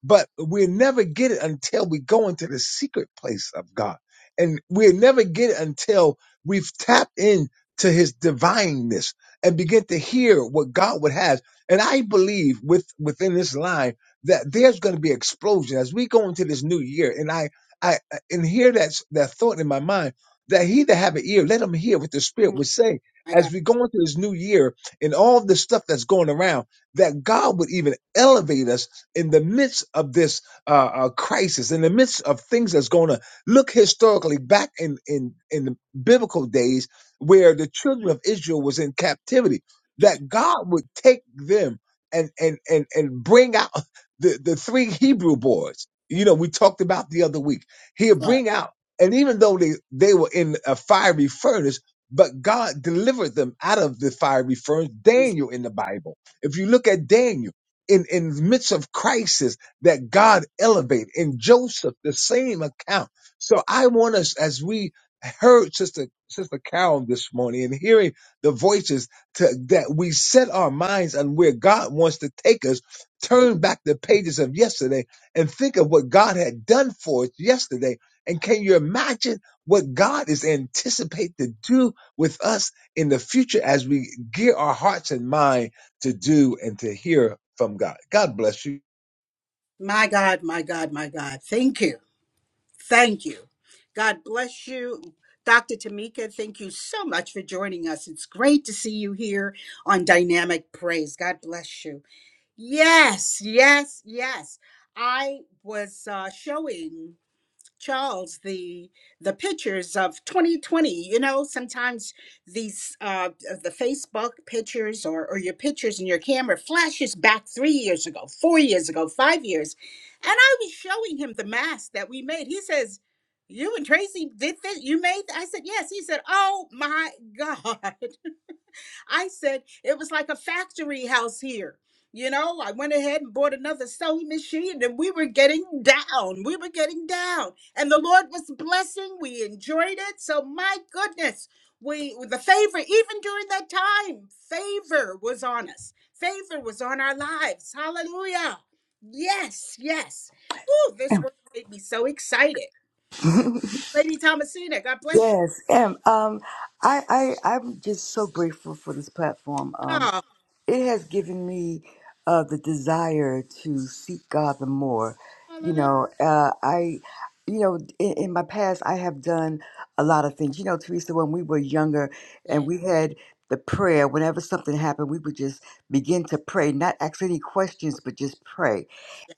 [SPEAKER 10] but we'll never get it until we go into the secret place of God. And we'll never get it until we've tapped into his divineness and begin to hear what God would have. And I believe with within this line that there's going to be explosion as we go into this new year. And I I I- and hear that that thought in my mind that he that have an ear, let him hear what the Spirit would say
[SPEAKER 1] my
[SPEAKER 10] as
[SPEAKER 1] God.
[SPEAKER 10] we go into this new year and all the stuff that's going around, that God would even elevate us in the midst of this uh, uh, crisis, in the midst of things that's going to look historically back in, in, in the biblical days where the children of Israel was in captivity, that God would take them and, and, and, and bring out the, the three Hebrew boys. You know, we talked about the other week. He'll bring out, and even though they, they were in a fiery furnace, but God delivered them out of the fiery furnace, Daniel in the Bible. If you look at Daniel, in in the midst of crisis that God elevated in Joseph the same account. So I want us as we heard sister sister Carol this morning and hearing the voices to, that we set our minds on where God wants to take us turn back the pages of yesterday and think of what God had done for us yesterday and can you imagine what God is anticipated to do with us in the future as we gear our hearts and minds to do and to hear from God. God bless you.
[SPEAKER 1] My God, my God, my God. Thank you. Thank you. God bless you. Dr. Tamika, thank you so much for joining us. It's great to see you here on Dynamic Praise. God bless you. Yes, yes, yes. I was uh, showing. Charles the the pictures of 2020. You know, sometimes these uh, the Facebook pictures or or your pictures in your camera flashes back three years ago, four years ago, five years, and I was showing him the mask that we made. He says. You and Tracy did this. You made. th-" I said yes. He said, "Oh my God!" I said it was like a factory house here. You know, I went ahead and bought another sewing machine and we were getting down. We were getting down. And the Lord was blessing. We enjoyed it. So my goodness, we the favor, even during that time, favor was on us. Favor was on our lives. Hallelujah. Yes, yes. Woo, this
[SPEAKER 9] Em.
[SPEAKER 1] word made me so excited. Lady Thomasina, God bless you.
[SPEAKER 9] Yes, Em. Um, I, I, I'm just so grateful for this platform. Um,
[SPEAKER 1] Oh,
[SPEAKER 9] it has given me uh, the desire to seek God the more. You
[SPEAKER 1] hallelujah.
[SPEAKER 9] know, uh, I, you know, in, in my past, I have done a lot of things. You know, Teresa, when we were younger and we had the prayer, whenever something happened, we would just begin to pray, not ask any questions, but just pray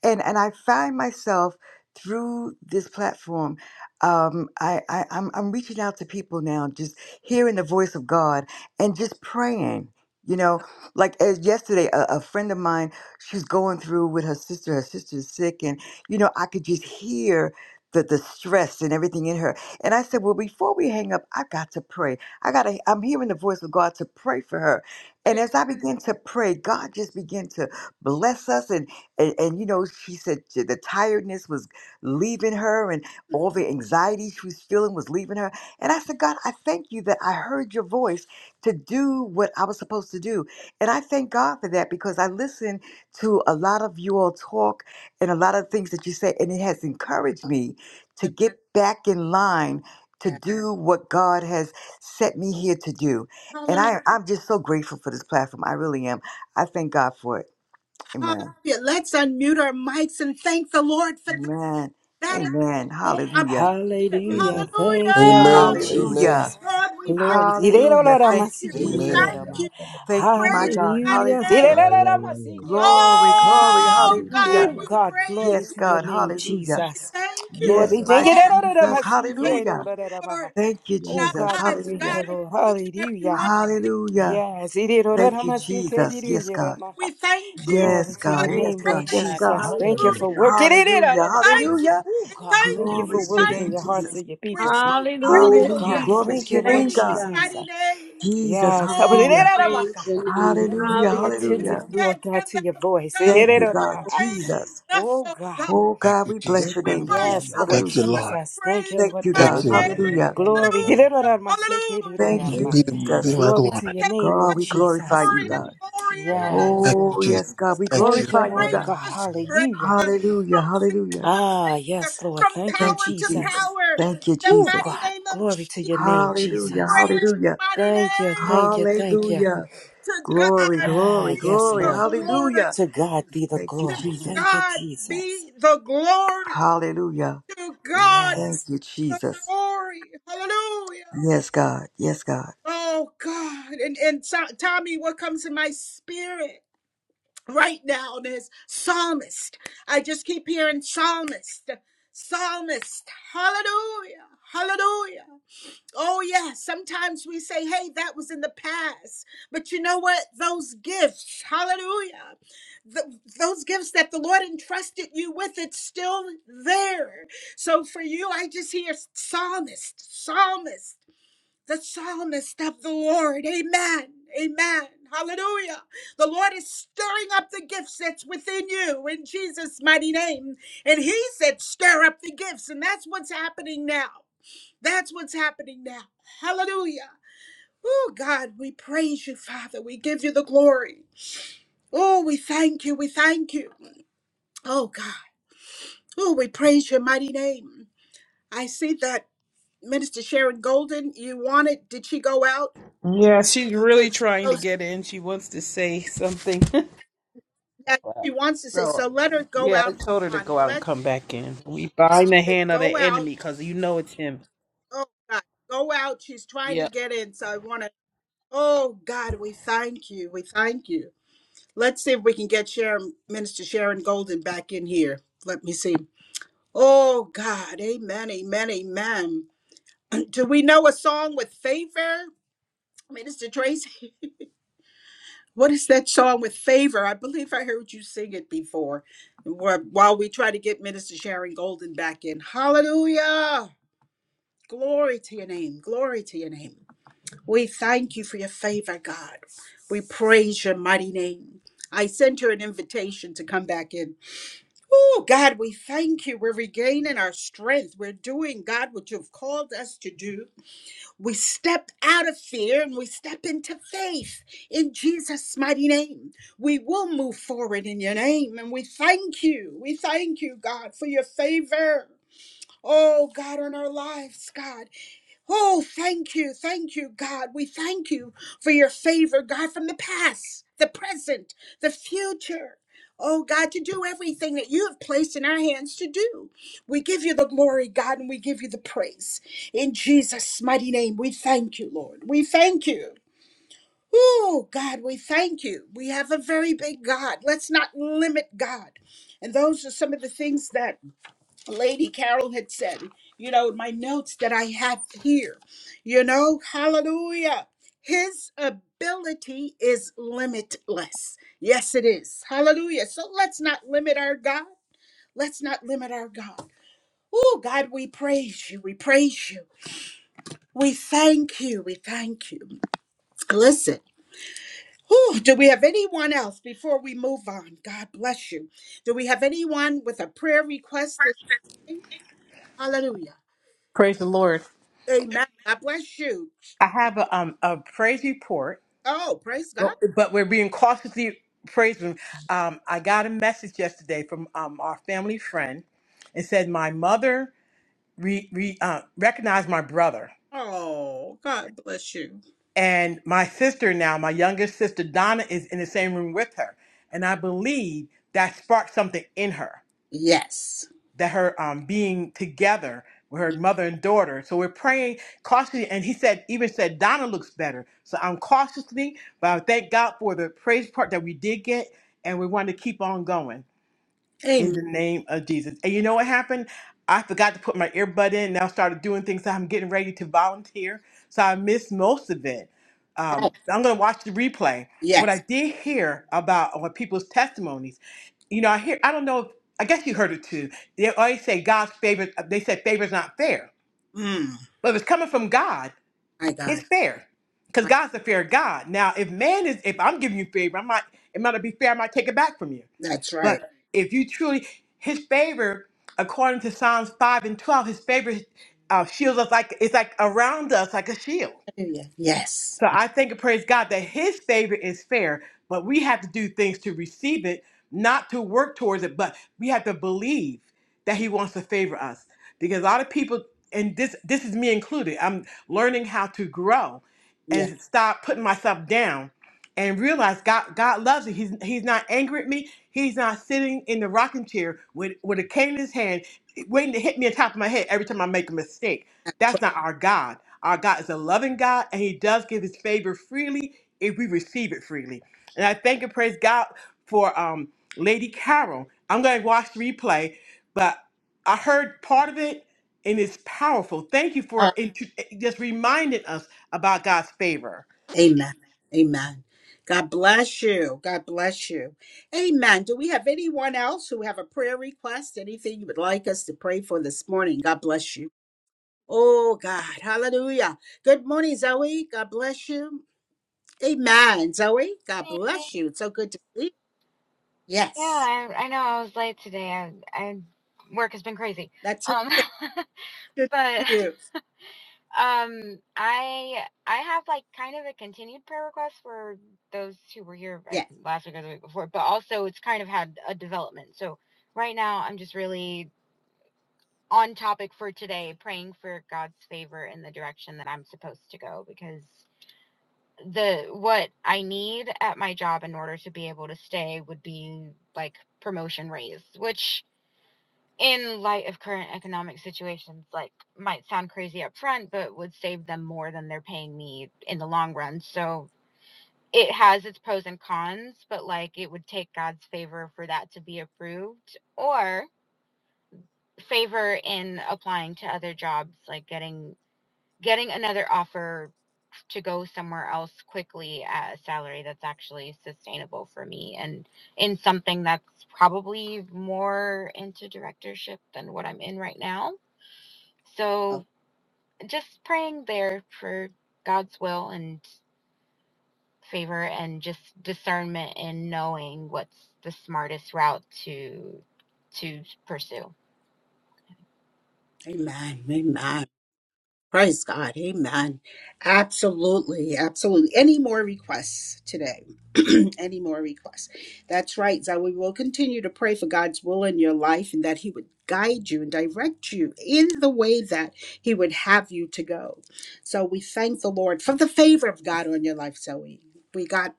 [SPEAKER 9] and and I find myself through this platform, um, I, I I'm I'm reaching out to people now, just hearing the voice of God and just praying. You know, like as yesterday, a, a friend of mine, she's going through with her sister. Her sister's sick, and you know, I could just hear. The, the stress and everything in her and i said well before we hang up i got to pray i gotta i'm hearing the voice of god to pray for her and as i began to pray god just began to bless us and and, and you know she said j- the tiredness was leaving her and all the anxiety she was feeling was leaving her and i said god i thank you that i heard your voice to do what i was supposed to do and i thank god for that because i listened to a lot of you all talk and a lot of things that you said, and it has encouraged me to get back in line to do what God has set me here to do. And
[SPEAKER 1] Hallelujah.
[SPEAKER 9] I, I'm just so grateful for this platform. I really am. I thank God for it. Amen.
[SPEAKER 1] Hallelujah. Let's unmute our mics and thank the Lord for that.
[SPEAKER 9] Amen.
[SPEAKER 1] That is
[SPEAKER 9] Amen.
[SPEAKER 1] the whole
[SPEAKER 9] Hallelujah.
[SPEAKER 1] objective.
[SPEAKER 5] Hallelujah.
[SPEAKER 10] Amen.
[SPEAKER 5] Thank you, Lord
[SPEAKER 6] Amen.
[SPEAKER 1] Hallelujah.
[SPEAKER 9] Hallelujah.
[SPEAKER 6] Amen.
[SPEAKER 5] Jesus.
[SPEAKER 1] Lord, we thank
[SPEAKER 5] Glory.
[SPEAKER 1] you. We
[SPEAKER 9] Hallelujah.
[SPEAKER 5] Hallelujah.
[SPEAKER 9] Thank
[SPEAKER 1] thank
[SPEAKER 9] you,
[SPEAKER 1] you. We
[SPEAKER 6] Amen.
[SPEAKER 9] Jesus.
[SPEAKER 1] thank you. We
[SPEAKER 9] Thank you, my
[SPEAKER 1] praise
[SPEAKER 9] God.
[SPEAKER 1] your mighty
[SPEAKER 9] Hallelujah.
[SPEAKER 1] name.
[SPEAKER 9] Glory, glory.
[SPEAKER 1] Oh, God,
[SPEAKER 9] Hallelujah.
[SPEAKER 5] Oh,
[SPEAKER 1] we
[SPEAKER 5] God,
[SPEAKER 1] praise
[SPEAKER 5] glory
[SPEAKER 9] Yes,
[SPEAKER 5] to
[SPEAKER 1] you.
[SPEAKER 5] your
[SPEAKER 9] God.
[SPEAKER 5] name,
[SPEAKER 9] Hallelujah.
[SPEAKER 1] We
[SPEAKER 5] Jesus.
[SPEAKER 1] thank you,
[SPEAKER 5] Lord,
[SPEAKER 9] Yes,
[SPEAKER 5] we
[SPEAKER 9] my
[SPEAKER 5] thank you.
[SPEAKER 1] Lord,
[SPEAKER 9] Jesus.
[SPEAKER 1] for your faithful
[SPEAKER 9] Hallelujah.
[SPEAKER 1] work
[SPEAKER 9] Thank you,
[SPEAKER 1] in
[SPEAKER 5] Oh,
[SPEAKER 9] Jesus.
[SPEAKER 5] God,
[SPEAKER 1] our
[SPEAKER 5] we
[SPEAKER 1] lives,
[SPEAKER 5] thank
[SPEAKER 9] Hallelujah.
[SPEAKER 5] you,
[SPEAKER 1] God, and
[SPEAKER 5] Lord.
[SPEAKER 1] each and every
[SPEAKER 5] Hallelujah.
[SPEAKER 1] one of you.
[SPEAKER 9] Hallelujah.
[SPEAKER 5] Yes, it is.
[SPEAKER 9] Thank you, Jesus. Yes, God.
[SPEAKER 1] We thank you.
[SPEAKER 5] glory
[SPEAKER 9] Yes,
[SPEAKER 5] to
[SPEAKER 1] God,
[SPEAKER 5] your
[SPEAKER 9] God.
[SPEAKER 8] Thank
[SPEAKER 9] Yes,
[SPEAKER 5] name,
[SPEAKER 8] you,
[SPEAKER 1] thank
[SPEAKER 5] Lord
[SPEAKER 9] God. Yes,
[SPEAKER 8] God.
[SPEAKER 9] God.
[SPEAKER 5] Jesus. Thank
[SPEAKER 1] you.
[SPEAKER 5] you for
[SPEAKER 8] Hallelujah.
[SPEAKER 5] working in it
[SPEAKER 9] Hallelujah.
[SPEAKER 1] Thank you.
[SPEAKER 9] Hallelujah.
[SPEAKER 5] Oh,
[SPEAKER 1] We
[SPEAKER 5] God,
[SPEAKER 1] thank
[SPEAKER 5] thank you
[SPEAKER 1] you.
[SPEAKER 9] Glory
[SPEAKER 5] for
[SPEAKER 1] We
[SPEAKER 9] to your
[SPEAKER 5] working
[SPEAKER 1] thank
[SPEAKER 9] name,
[SPEAKER 5] in your
[SPEAKER 1] you.
[SPEAKER 5] hearts
[SPEAKER 9] Jesus.
[SPEAKER 5] of your
[SPEAKER 1] We're
[SPEAKER 5] people.
[SPEAKER 1] so
[SPEAKER 5] Oh,
[SPEAKER 8] Hallelujah,
[SPEAKER 1] grateful,
[SPEAKER 9] Hallelujah.
[SPEAKER 1] God.
[SPEAKER 5] God,
[SPEAKER 8] Jesus.
[SPEAKER 9] Glory
[SPEAKER 1] We
[SPEAKER 9] to
[SPEAKER 5] thank you,
[SPEAKER 9] your
[SPEAKER 5] Lord
[SPEAKER 9] name,
[SPEAKER 8] Thank
[SPEAKER 1] praise
[SPEAKER 8] you,
[SPEAKER 1] your
[SPEAKER 9] God.
[SPEAKER 8] God.
[SPEAKER 5] Jesus.
[SPEAKER 1] mighty name.
[SPEAKER 9] Jesus,
[SPEAKER 5] Yes, help
[SPEAKER 1] Oh,
[SPEAKER 9] hallelujah.
[SPEAKER 1] God.
[SPEAKER 5] us
[SPEAKER 8] Praise your name.
[SPEAKER 5] Help us to
[SPEAKER 9] Hallelujah,
[SPEAKER 5] be
[SPEAKER 8] Hallelujah.
[SPEAKER 5] attentive,
[SPEAKER 9] hallelujah.
[SPEAKER 1] We
[SPEAKER 5] Lord
[SPEAKER 1] had
[SPEAKER 5] God,
[SPEAKER 1] 10,000
[SPEAKER 5] to your voice.
[SPEAKER 1] tongues.
[SPEAKER 9] Thank
[SPEAKER 1] We
[SPEAKER 9] you, God,
[SPEAKER 1] couldn't praise
[SPEAKER 9] Jesus.
[SPEAKER 1] you enough,
[SPEAKER 5] Oh,
[SPEAKER 1] oh,
[SPEAKER 5] God.
[SPEAKER 1] God.
[SPEAKER 9] Oh,
[SPEAKER 6] Thank
[SPEAKER 9] God,
[SPEAKER 6] you,
[SPEAKER 9] we
[SPEAKER 6] Jesus.
[SPEAKER 9] bless your
[SPEAKER 1] We
[SPEAKER 9] name, Jesus.
[SPEAKER 5] Yes,
[SPEAKER 1] worship you,
[SPEAKER 5] Lord
[SPEAKER 6] Thank
[SPEAKER 9] Hallelujah.
[SPEAKER 6] you,
[SPEAKER 1] Lord.
[SPEAKER 6] Lord.
[SPEAKER 1] We
[SPEAKER 5] Jesus. Thank
[SPEAKER 1] praise
[SPEAKER 5] you,
[SPEAKER 1] your
[SPEAKER 9] Thank
[SPEAKER 5] Lord
[SPEAKER 9] you,
[SPEAKER 1] mighty
[SPEAKER 6] Thank
[SPEAKER 9] God.
[SPEAKER 5] God.
[SPEAKER 6] you.
[SPEAKER 1] name.
[SPEAKER 9] Hallelujah.
[SPEAKER 5] Glory.
[SPEAKER 1] Hallelujah. Hallelujah.
[SPEAKER 6] Be,
[SPEAKER 9] Thank you,
[SPEAKER 6] the, be
[SPEAKER 9] Jesus.
[SPEAKER 6] my
[SPEAKER 5] Glory to your
[SPEAKER 6] glory.
[SPEAKER 1] Take
[SPEAKER 5] name,
[SPEAKER 9] God,
[SPEAKER 1] us
[SPEAKER 5] Lord
[SPEAKER 9] we glorify
[SPEAKER 5] Jesus.
[SPEAKER 9] you,
[SPEAKER 1] glory to
[SPEAKER 9] God.
[SPEAKER 1] glory in the name
[SPEAKER 5] Yes,
[SPEAKER 1] of
[SPEAKER 6] Thank you,
[SPEAKER 9] Oh,
[SPEAKER 5] Lord.
[SPEAKER 6] Jesus.
[SPEAKER 9] yes, God,
[SPEAKER 1] Jesus.
[SPEAKER 9] we
[SPEAKER 1] From
[SPEAKER 6] Thank you.
[SPEAKER 5] Thank you,
[SPEAKER 9] glorify you,
[SPEAKER 5] Lord
[SPEAKER 9] God.
[SPEAKER 1] strength
[SPEAKER 5] God.
[SPEAKER 1] to strength,
[SPEAKER 5] Hallelujah.
[SPEAKER 9] Hallelujah,
[SPEAKER 1] from faith
[SPEAKER 9] hallelujah.
[SPEAKER 1] to
[SPEAKER 5] Ah,
[SPEAKER 1] faith,
[SPEAKER 5] yes, Lord.
[SPEAKER 1] from
[SPEAKER 5] Thank you,
[SPEAKER 9] Thank
[SPEAKER 1] power
[SPEAKER 9] you,
[SPEAKER 1] to
[SPEAKER 5] Jesus.
[SPEAKER 9] Jesus.
[SPEAKER 1] power,
[SPEAKER 9] Thank
[SPEAKER 1] in
[SPEAKER 9] you,
[SPEAKER 1] the
[SPEAKER 5] Oh,
[SPEAKER 1] mighty
[SPEAKER 9] Jesus.
[SPEAKER 5] God.
[SPEAKER 1] name of
[SPEAKER 5] Glory to your
[SPEAKER 1] Jesus.
[SPEAKER 5] name,
[SPEAKER 1] We
[SPEAKER 9] Hallelujah,
[SPEAKER 5] Jesus.
[SPEAKER 1] praise your
[SPEAKER 9] hallelujah,
[SPEAKER 1] mighty
[SPEAKER 5] Thank you,
[SPEAKER 1] name.
[SPEAKER 5] thank you, thank you.
[SPEAKER 9] hallelujah.
[SPEAKER 1] To
[SPEAKER 9] Glory,
[SPEAKER 1] God
[SPEAKER 5] Ah,
[SPEAKER 9] glory,
[SPEAKER 1] be
[SPEAKER 5] yes,
[SPEAKER 9] glory,
[SPEAKER 1] the
[SPEAKER 5] Lord.
[SPEAKER 1] glory.
[SPEAKER 9] hallelujah.
[SPEAKER 5] To God be the
[SPEAKER 9] Thank you,
[SPEAKER 1] To
[SPEAKER 5] glory.
[SPEAKER 9] Jesus.
[SPEAKER 5] Thank you,
[SPEAKER 1] God
[SPEAKER 5] Jesus.
[SPEAKER 1] be the glory.
[SPEAKER 9] Hallelujah.
[SPEAKER 1] To God be
[SPEAKER 9] Thank
[SPEAKER 5] Yes.
[SPEAKER 9] you,
[SPEAKER 1] the
[SPEAKER 9] Jesus.
[SPEAKER 1] glory. Hallelujah.
[SPEAKER 9] Yes, God. Yes, God.
[SPEAKER 1] Oh God. And and to- Tommy, what comes in my spirit right now is psalmist. I just keep hearing psalmist. Psalmist. Hallelujah. Hallelujah. Oh, yeah. Sometimes we say, hey, that was in the past. But you know what? Those gifts, hallelujah, th- those gifts that the Lord entrusted you with, it's still there. So for you, I just hear psalmist, psalmist the psalmist of the Lord. Amen. Amen. Hallelujah. The Lord is stirring up the gifts that's within you in Jesus' mighty name. And he said, stir up the gifts. And that's what's happening now. That's what's happening now. Hallelujah. Oh, God, we praise you, Father. We give you the glory. Oh, we thank you. We thank you. Oh, God. Oh, we praise your mighty name. I see that Minister Sharon Golden, you wanted, did she go out?
[SPEAKER 3] Yeah, she's
[SPEAKER 1] Okay,
[SPEAKER 3] really
[SPEAKER 1] she
[SPEAKER 3] trying
[SPEAKER 1] goes
[SPEAKER 3] to get in. She wants to say something.
[SPEAKER 1] that she wants to say.
[SPEAKER 3] so,
[SPEAKER 1] So let her go
[SPEAKER 3] yeah, I
[SPEAKER 1] out. Hold
[SPEAKER 3] told her to
[SPEAKER 1] on.
[SPEAKER 3] go out and
[SPEAKER 1] Let
[SPEAKER 3] come back in. We bind the
[SPEAKER 1] the
[SPEAKER 3] hand of the
[SPEAKER 1] go out.
[SPEAKER 3] enemy because you know it's him.
[SPEAKER 1] Oh God, go out. She's trying to
[SPEAKER 3] Yeah.
[SPEAKER 1] get in. So I want to. Oh God, we thank you. We thank you. Let's see if we can get Sharon, Minister Sharon Golden back in here. Let me see. Oh God, Amen, Amen, Amen. Do we know a song with favor, Minister Tracy? What is that song with favor? I believe I heard you sing it before wh- while we try to get Minister Sharon Golden back in. Hallelujah. Glory to your name. Glory to your name. We thank you for your favor, God. We praise your mighty name. I sent you an invitation to come back in. Oh, God, we thank you. We're regaining our strength. We're doing, God, what you've called us to do. We step out of fear and we step into faith in Jesus' mighty name. We will move forward in your name. And we thank you. We thank you, God, for your favor. Oh, God, on our lives, God. Oh, thank you. Thank you, God. We thank you for your favor, God, from the past, the present, the future. Oh, God, to do everything that you have placed in our hands to do. We give you the glory, God, and we give you the praise. In Jesus' mighty name, we thank you, Lord. We thank you. Oh, God, we thank you. We have a very big God. Let's not limit God. And those are some of the things that Lady Carol had said, you know, in my notes that I have here, you know, hallelujah. His ability is limitless. Yes, it is. Hallelujah. So let's not limit our God. Let's not limit our God. Oh, God, we praise you. We praise you. We thank you. We thank you. Listen. Whew, do we have anyone else before we move on? God bless you. Do we have anyone with a prayer request this morning? Hallelujah.
[SPEAKER 2] Praise the Lord.
[SPEAKER 1] Amen. God bless you.
[SPEAKER 2] I have a, um, a praise report,
[SPEAKER 1] Oh, praise God.
[SPEAKER 2] Well- but we're being cautiously praising. Um, I got a message yesterday from um, our family friend. It said, My mother re, re, uh, recognized my brother.
[SPEAKER 1] Oh, God bless you.
[SPEAKER 2] And my sister now, my youngest sister Donna, is in the same room with her. And I believe that sparked something in her,
[SPEAKER 1] Yes.
[SPEAKER 2] that her um, being together with her mother and daughter. So we're praying cautiously. And he said, even said, Donna looks better. So I'm cautiously, but I thank God for the praise part that we did get. And we want to keep on going in
[SPEAKER 1] Amen.
[SPEAKER 2] the name of Jesus. And you know what happened? I forgot to put my earbud in Now started doing things. So I'm getting ready to volunteer. So I missed most of it.
[SPEAKER 1] Oh,
[SPEAKER 2] Um, so I'm going to watch the replay. But what
[SPEAKER 1] yes.
[SPEAKER 2] I did hear about what people's testimonies, you know, I hear, I don't know if, I guess you heard it too. They always say God's favor, they said favor's not fair.
[SPEAKER 1] Mm,
[SPEAKER 2] But if it's coming from God,
[SPEAKER 1] my God.
[SPEAKER 2] it's fair. Because
[SPEAKER 1] My,
[SPEAKER 2] God's a fair God. Now, if man is, if I'm giving you favor, I might, it might not be fair. I might take it back from you.
[SPEAKER 1] that's right.
[SPEAKER 2] But if you truly, his favor, according to Psalms 5 and 12, his favor uh, shields us like, it's like around us like a shield.
[SPEAKER 1] Hallelujah. Yes.
[SPEAKER 2] So I thank and praise God that His favor is fair, but we have to do things to receive it, not to work towards it, but we have to believe that He wants to favor us. Because a lot of people, and this this is me included, I'm learning how to grow
[SPEAKER 1] Yes.
[SPEAKER 2] and stop putting myself down and realize God God loves me. He's He's not angry at me. He's not sitting in the rocking chair with, with a cane in his hand, waiting to hit me on top of my head every time I make a mistake.
[SPEAKER 1] That's
[SPEAKER 2] That's
[SPEAKER 1] right.
[SPEAKER 2] not our God. Our God is a loving God, and He does give His favor freely if we receive it freely. And I thank and praise God for um, Lady Carol. I'm going to watch the replay, but I heard part of it, and it's powerful. Thank you
[SPEAKER 1] Oh,
[SPEAKER 2] for intro- just reminding us about God's favor.
[SPEAKER 1] amen. Amen. God bless you. God bless you. Amen. Do we have anyone else who have a prayer request? Anything you would like us to pray for this morning? God bless you. Oh, God. Hallelujah. Good morning, Zoe. God bless you. Amen. Zoe, God
[SPEAKER 11] Yeah,
[SPEAKER 1] bless you. It's so good to see you. Yes.
[SPEAKER 11] I, I know I was late today. I, I work has been crazy.
[SPEAKER 1] That's so
[SPEAKER 11] Um,
[SPEAKER 1] good
[SPEAKER 11] but
[SPEAKER 1] to see you.
[SPEAKER 11] um, I I have like kind of a continued prayer request for those who were here I
[SPEAKER 1] Yes.
[SPEAKER 11] think, last week or the week before, but also it's kind of had a development. So right now I'm just really on topic for today, praying for God's favor in the direction that I'm supposed to go because the what I need at my job in order to be able to stay would be like promotion raise, which in light of current economic situations, like might sound crazy up front, but would save them more than they're paying me in the long run. So it has its pros and cons, but like it would take God's favor for that to be approved or favor in applying to other jobs, like getting getting another offer to go somewhere else quickly at a salary that's actually sustainable for me and in something that's probably more into directorship than what I'm in right now
[SPEAKER 1] Oh,
[SPEAKER 11] So just praying there for God's will and favor and just discernment and knowing what's the smartest route to to pursue.
[SPEAKER 1] amen. Amen. Praise God. Amen. Absolutely. Absolutely. Any more requests today? Any more requests? That's right, Zoe. We will continue to pray for God's will in your life and that He would guide you and direct you in the way that He would have you to go. So we thank the Lord for the favor of God on your life, Zoe. We God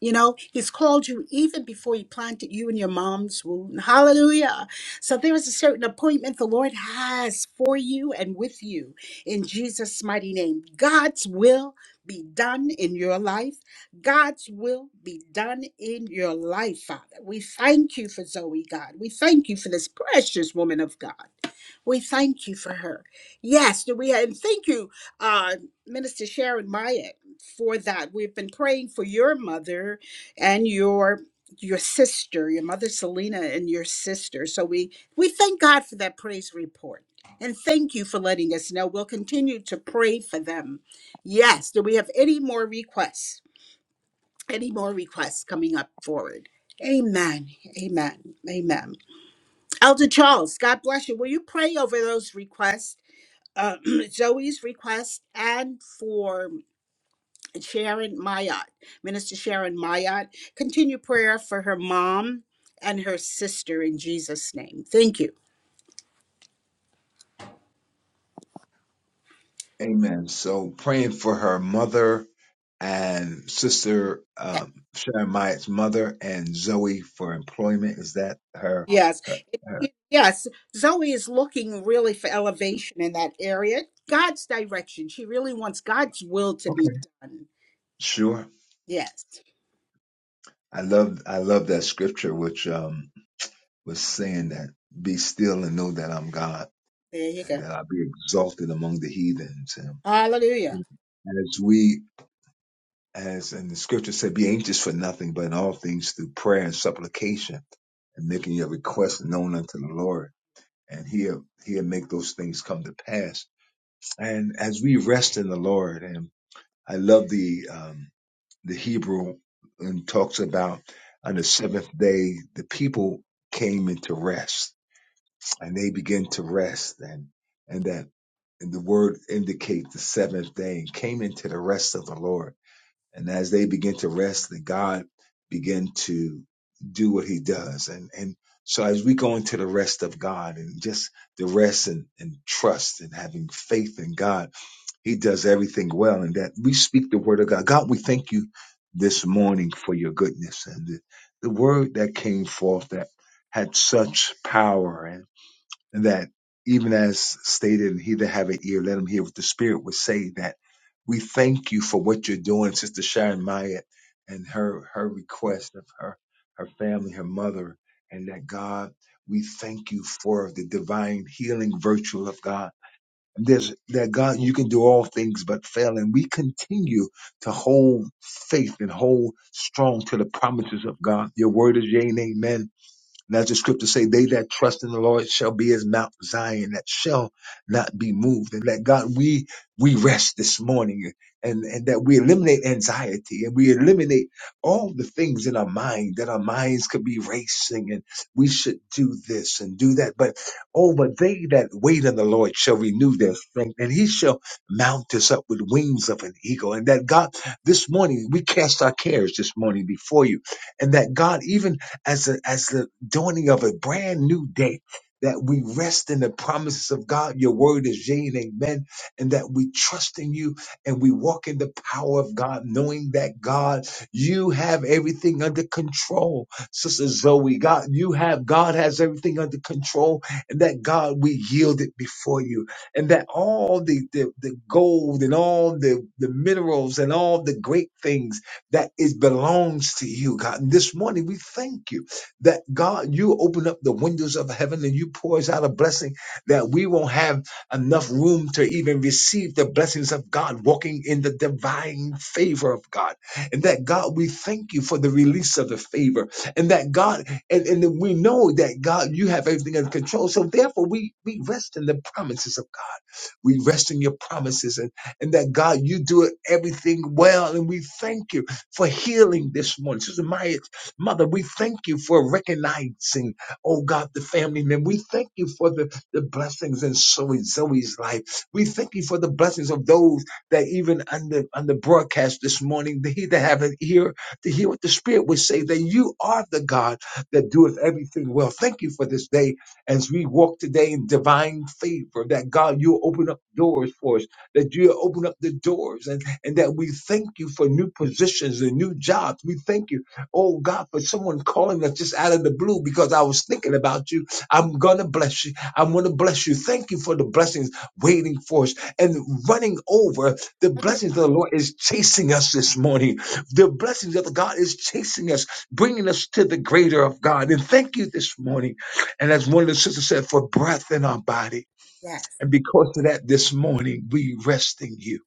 [SPEAKER 1] You know, he's called you even before he planted you in your mom's womb. Hallelujah. So there is a certain appointment the Lord has for you and with you in Jesus' mighty name. God's will be done in your life. God's will be done in your life, Father. We thank you for Zoe, God. We thank you for this precious woman of God. We thank you for her. Yes, we and thank you, uh, Minister Sharon Myatt for that. We've been praying for your mother and your your sister, your mother Selena and your sister. So we we thank God for that praise report. And thank you for letting us know. We'll continue to pray for them. Yes, do we have any more requests? Any more requests coming up forward? Amen. Amen. Amen. Elder Charles, God bless you. Will you pray over those requests? Uh, Zoe's request and for Sharon Mayat, Minister Sharon Mayat. Continue prayer for her mom and her sister in Jesus' name. Thank you.
[SPEAKER 10] Amen. So praying for her mother and sister
[SPEAKER 1] Yes.
[SPEAKER 10] um, Sharon Myatt's mother and Zoe for employment. Is that her?
[SPEAKER 1] Yes.
[SPEAKER 10] Her?
[SPEAKER 1] It-
[SPEAKER 10] her?
[SPEAKER 1] yes. Zoe is looking really for elevation in that area. God's direction. She really wants God's will to be
[SPEAKER 10] Okay.
[SPEAKER 1] done.
[SPEAKER 10] Sure.
[SPEAKER 1] Yes.
[SPEAKER 10] I love I love that scripture which um was saying that be still and know that I'm God,
[SPEAKER 1] There you go.
[SPEAKER 10] that I be exalted among the heathens. And you
[SPEAKER 1] Hallelujah.
[SPEAKER 10] know, as we as and the scripture said, be anxious for nothing, but in all things through prayer and supplication, and making your requests known unto the Lord. And he'll he'll make those things come to pass. And as we rest in the Lord, and I love the um the Hebrew and talks about on the seventh day the people came into rest and they began to rest and and that and the word indicates the seventh day and came into the rest of the Lord. And as they begin to rest, then God began to do what he does. And and so as we go into the rest of God and just the rest and, and trust and having faith in God he does everything well, and that we speak the word of God. God, we thank you this morning for your goodness and the, the word that came forth that had such power, and, and that even as stated, he that have an ear, let him hear what the Spirit would say. That we thank you for what you're doing, Sister Sharon Myatt, and her her request of her her family, her mother, and that God, we thank you for the divine healing virtue of God there's that God, you can do all things but fail. And we continue to hold faith and hold strong to the promises of God. Your word is yea and amen. And as the scripture say, they that trust in the Lord shall be as Mount Zion that shall not be moved. And that God, we, we rest this morning and, and that we eliminate anxiety and we eliminate all the things in our mind that our minds could be racing and we should do this and do that. But, oh, but they that wait on the Lord shall renew their strength and he shall mount us up with wings of an eagle. And that God, this morning, we cast our cares this morning before you and that God, even as the as the dawning of a brand new day that we rest in the promises of God. Your word is yea and amen, and that we trust in you and we walk in the power of God, knowing that God, you have everything under control. Sister Zoe, God, you have, God has everything under control, and that God, we yield it before you, and that all the, the, the gold and all the, the minerals and all the great things that is belongs to you, God. And this morning, we thank you that God, you open up the windows of heaven and you pours out a blessing that we won't have enough room to even receive the blessings of God, walking in the divine favor of God. And that God, we thank you for the release of the favor. And that God, and, and we know that God, you have everything under control. So therefore we we rest in the promises of God. We rest in your promises and, and that God, you do it everything well. And we thank you for healing this morning. Sister Maya's mother, we thank you for recognizing, oh God, the family man. We thank you for the, the blessings in Zoe, Zoe's life. We thank you for the blessings of those that even on the, on the broadcast this morning, that he that have an ear to hear what the Spirit would say, that you are the God that doeth everything well. Thank you for this day as we walk today in divine favor, that God, you open up doors for us, that you open up the doors, and, and that we thank you for new positions and new jobs. We thank you, oh God, for someone calling us just out of the blue because I was thinking about you. I'm going to bless you. I'm going to bless you. Thank you for the blessings waiting for us and running over. The
[SPEAKER 1] Hallelujah.
[SPEAKER 10] blessings of the Lord is chasing us this morning. The blessings of the God is chasing us, bringing us to the greater of God. And thank you this morning. And as one of the sisters said, for breath in our body.
[SPEAKER 1] Yes.
[SPEAKER 10] And because of that, this morning, we rest in you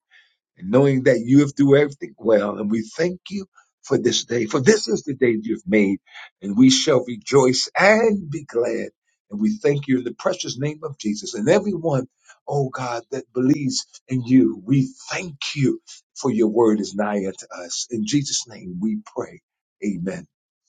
[SPEAKER 10] and knowing that you have do everything well. And we thank you for this day, for this is the day you've made and we shall rejoice and be glad. And we thank you in the precious name of Jesus and everyone, oh God, that believes in you. We thank you for your word is nigh unto us. In Jesus' name we pray. Amen.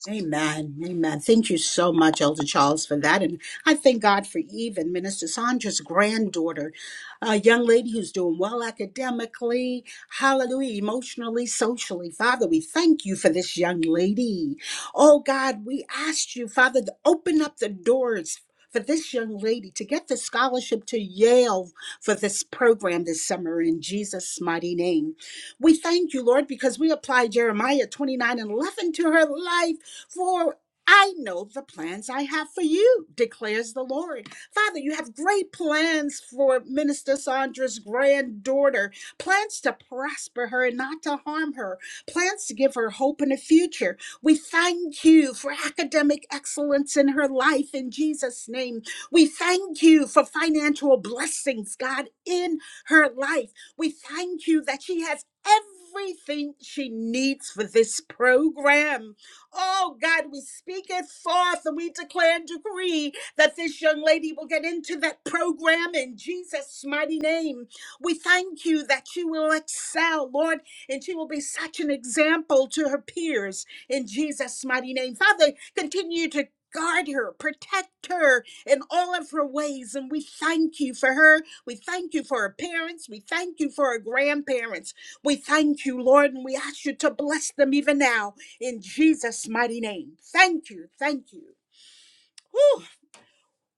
[SPEAKER 1] Amen. Amen. Thank you so much, Elder Charles, for that. And I thank God for even Minister Sandra's granddaughter, a young lady who's doing well academically, hallelujah, emotionally, socially. Father, we thank you for this young lady. Oh God, we asked you, Father, to open up the doors. For this young lady to get the scholarship to Yale for this program this summer in Jesus' mighty name. We thank you, Lord, because we apply Jeremiah 29 and 11 to her life for I know the plans I have for you, declares the Lord. Father, you have great plans for Minister Sandra's granddaughter, plans to prosper her and not to harm her, plans to give her hope in the future. We thank you for academic excellence in her life in Jesus' name. We thank you for financial blessings, God, in her life. We thank you that she has everything she needs for this program. Oh God, we speak it forth and we declare and decree that this young lady will get into that program in Jesus' mighty name. We thank you that she will excel, Lord, and she will be such an example to her peers in Jesus' mighty name. Father, continue to guard her, protect her in all of her ways. And we thank you for her. We thank you for her parents. We thank you for her grandparents. We thank you, Lord, and we ask you to bless them even now in Jesus' mighty name. Thank you, thank you. Whew,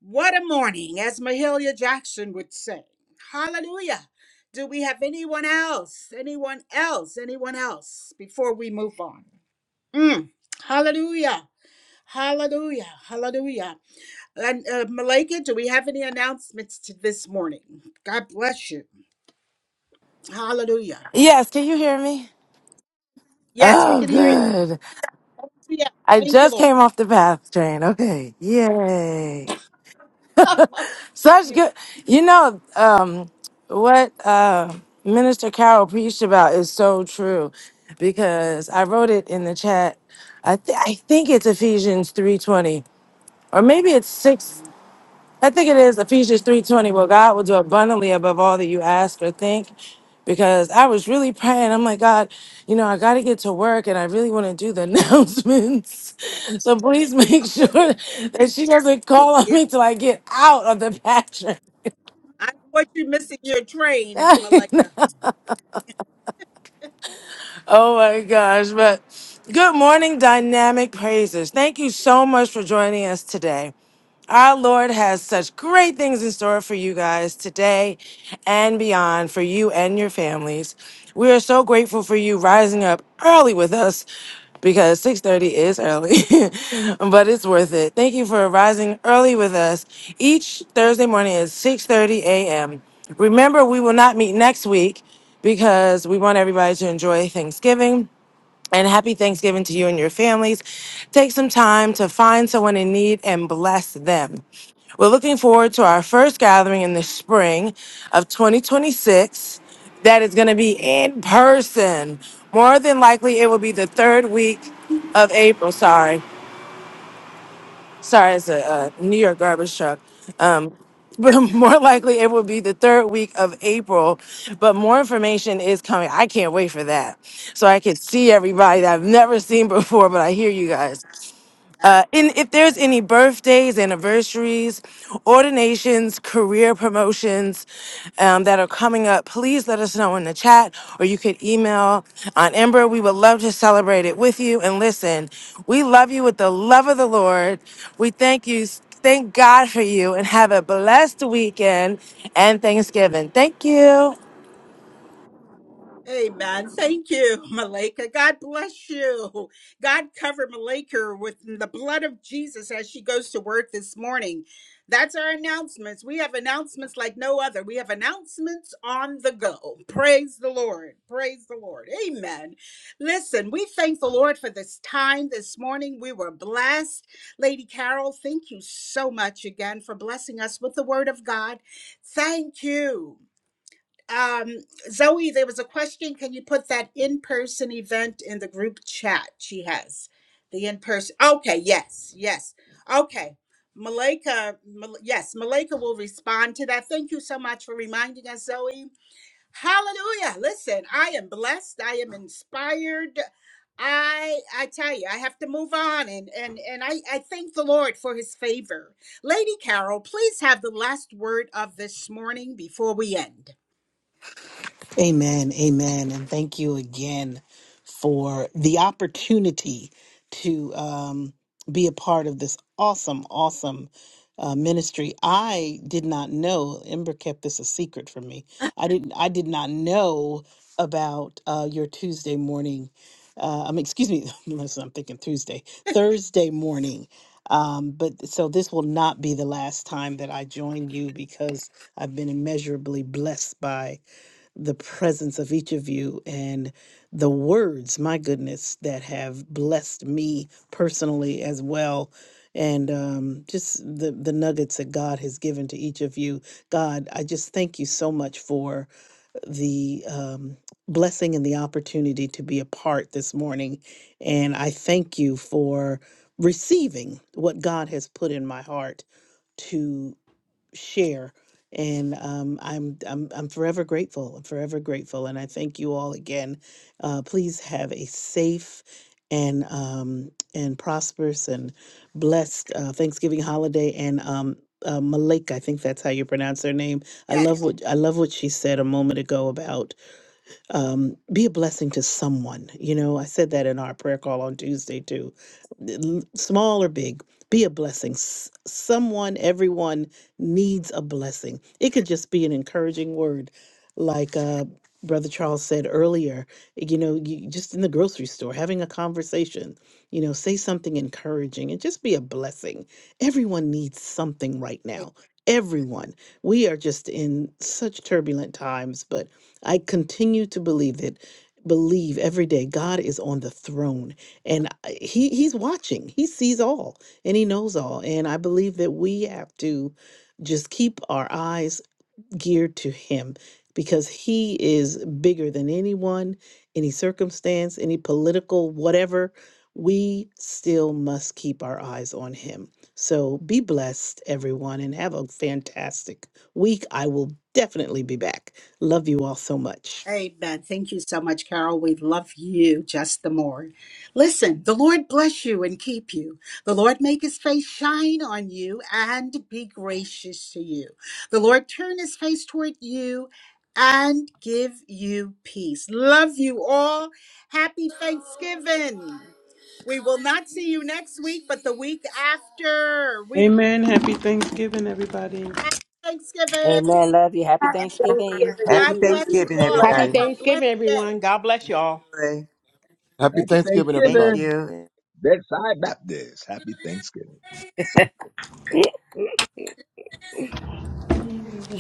[SPEAKER 1] what a morning, as Mahalia Jackson would say. Hallelujah. Do we have anyone else? Anyone else? Anyone else before we move on? Mm, Hallelujah. Hallelujah. Hallelujah. And uh, Malika, do we have any announcements to this morning? God bless you. Hallelujah.
[SPEAKER 12] Yes, can you hear me?
[SPEAKER 1] Yes, we
[SPEAKER 12] Oh,
[SPEAKER 1] can hear you.
[SPEAKER 12] good.
[SPEAKER 1] Yeah.
[SPEAKER 12] I
[SPEAKER 1] Thank you,
[SPEAKER 12] just
[SPEAKER 1] Lord.
[SPEAKER 12] came off the bath train. Okay. Yay. Such good. You know, um, what uh, Minister Carol preached about is so true because I wrote it in the chat. I, th- I think it's Ephesians 3.20 or maybe it's 6. I think it is Ephesians 3:20, Well, God will do abundantly above all that you ask or think. Because I was really praying. I'm like, God, you know, I gotta get to work and I really want to do the announcements. So please make sure that she doesn't call
[SPEAKER 1] Yeah.
[SPEAKER 12] on me till I get out of the pattern.
[SPEAKER 1] I don't want you missing your train, Malika.
[SPEAKER 12] oh my gosh. But good morning, dynamic praises. Thank you so much for joining us today. Our Lord has such great things in store for you guys today and beyond for you and your families. We are so grateful for you rising up early with us because 6:30 is early, but it's worth it. Thank you for rising early with us each Thursday morning at 6:30 a.m. Remember, we will not meet next week because we want everybody to enjoy Thanksgiving and happy Thanksgiving to you and your families. Take some time to find someone in need and bless them. We're looking forward to our first gathering in the spring of 2026 that is going to be in person. More than likely, it will be the third week of April, sorry sorry, it's a, uh New York garbage truck. Um, but more likely it will be the third week of April. But more information is coming. I can't wait for that. So I can see everybody that I've never seen before, but I hear you guys.
[SPEAKER 1] Uh,
[SPEAKER 12] Uh, and if there's
[SPEAKER 1] yes.
[SPEAKER 12] any birthdays, anniversaries, ordinations, career promotions um, that are coming up, please let us know in the chat or you could email on Ember. We would love to celebrate it with you. And listen, we love you with the love of the Lord. We thank you. Thank God for you and have a blessed weekend and Thanksgiving. Thank you.
[SPEAKER 1] Amen. Thank you, Malika. God bless you. God cover Malika with the blood of Jesus as she goes to work this morning. That's our announcements. We have announcements like no other. We have announcements on the go. Praise the Lord. Praise the Lord. Amen. Listen, we thank the Lord for this time this morning. We were blessed. Lady Carol, thank you so much again for blessing us with the word of God. Thank you um zoe there was a question can you put that in-person event in the group chat she has the in-person okay yes yes okay malika Mal- yes malika will respond to that thank you so much for reminding us zoe hallelujah listen i am blessed i am inspired i i tell you i have to move on and and and i i thank the lord for his favor lady carol please have the last word of this morning before we end
[SPEAKER 4] Amen. Amen. And thank you again for the opportunity to um, be a part of this awesome, awesome uh, ministry. I did not know, Ember kept this a secret from me. I didn't, I did not know about uh, your Tuesday morning. Uh, I mean, excuse me, listen, I'm thinking Tuesday, Thursday morning. Um, but so this will not be the last time that I join you because I've been immeasurably blessed by the presence of each of you and the words, my goodness, that have blessed me personally as well. And um, just the, the nuggets that God has given to each of you. God, I just thank you so much for the um, blessing and the opportunity to be a part this morning. And I thank you for receiving what God has put in my heart to share. And um, I'm I'm I'm forever grateful. I'm forever grateful, and I thank you all again. Uh, please have a safe and um, and prosperous and blessed uh, Thanksgiving holiday. And um, uh, Malika, I think that's how you pronounce her name. I
[SPEAKER 1] Yes.
[SPEAKER 4] love what I love what she said a moment ago about um, be a blessing to someone. You know, I said that in our prayer call on Tuesday too. L- Small or big, be a blessing. S- someone, everyone needs a blessing. It could just be an encouraging word, like uh, Brother Charles said earlier. You know, you, just in the grocery store, having a conversation. You know, say something encouraging and just be a blessing. Everyone needs something right now. Everyone. We are just in such turbulent times, but I continue to believe it. Believe every day God is on the throne and I- he he's watching. He sees all and he knows all. And I believe that we have to just keep our eyes geared to Him because He is bigger than anyone, any circumstance, any political, whatever. We still must keep our eyes on Him. So be blessed, everyone, and have a fantastic week. I will definitely be back. Love you all so much.
[SPEAKER 1] Amen. Thank you so much, Carol. We love you just the more. Listen, the Lord bless you and keep you. The Lord make his face shine on you and be gracious to you. The Lord turn his face toward you and give you peace. Love you all. Happy Thanksgiving. We will not see you next week, but the week after. We love
[SPEAKER 3] Amen. Happy Thanksgiving, everybody.
[SPEAKER 1] you. Happy Thanksgiving.
[SPEAKER 5] Amen. Love you. Happy
[SPEAKER 8] Happy
[SPEAKER 5] Thanksgiving.
[SPEAKER 8] Thanksgiving,
[SPEAKER 9] Happy
[SPEAKER 1] God
[SPEAKER 8] everyone.
[SPEAKER 1] bless you
[SPEAKER 8] Be
[SPEAKER 9] Thanksgiving,
[SPEAKER 8] Blessed.
[SPEAKER 1] all.
[SPEAKER 2] Happy
[SPEAKER 1] Have
[SPEAKER 9] everybody.
[SPEAKER 1] a blessed
[SPEAKER 2] Thanksgiving,
[SPEAKER 1] day.
[SPEAKER 2] everyone. God bless y'all.
[SPEAKER 6] Happy
[SPEAKER 10] Happy
[SPEAKER 6] Thanksgiving,
[SPEAKER 9] Thank
[SPEAKER 6] everybody.
[SPEAKER 10] Thanksgiving.
[SPEAKER 9] you.
[SPEAKER 10] Bedside Baptist. Happy Thanksgiving.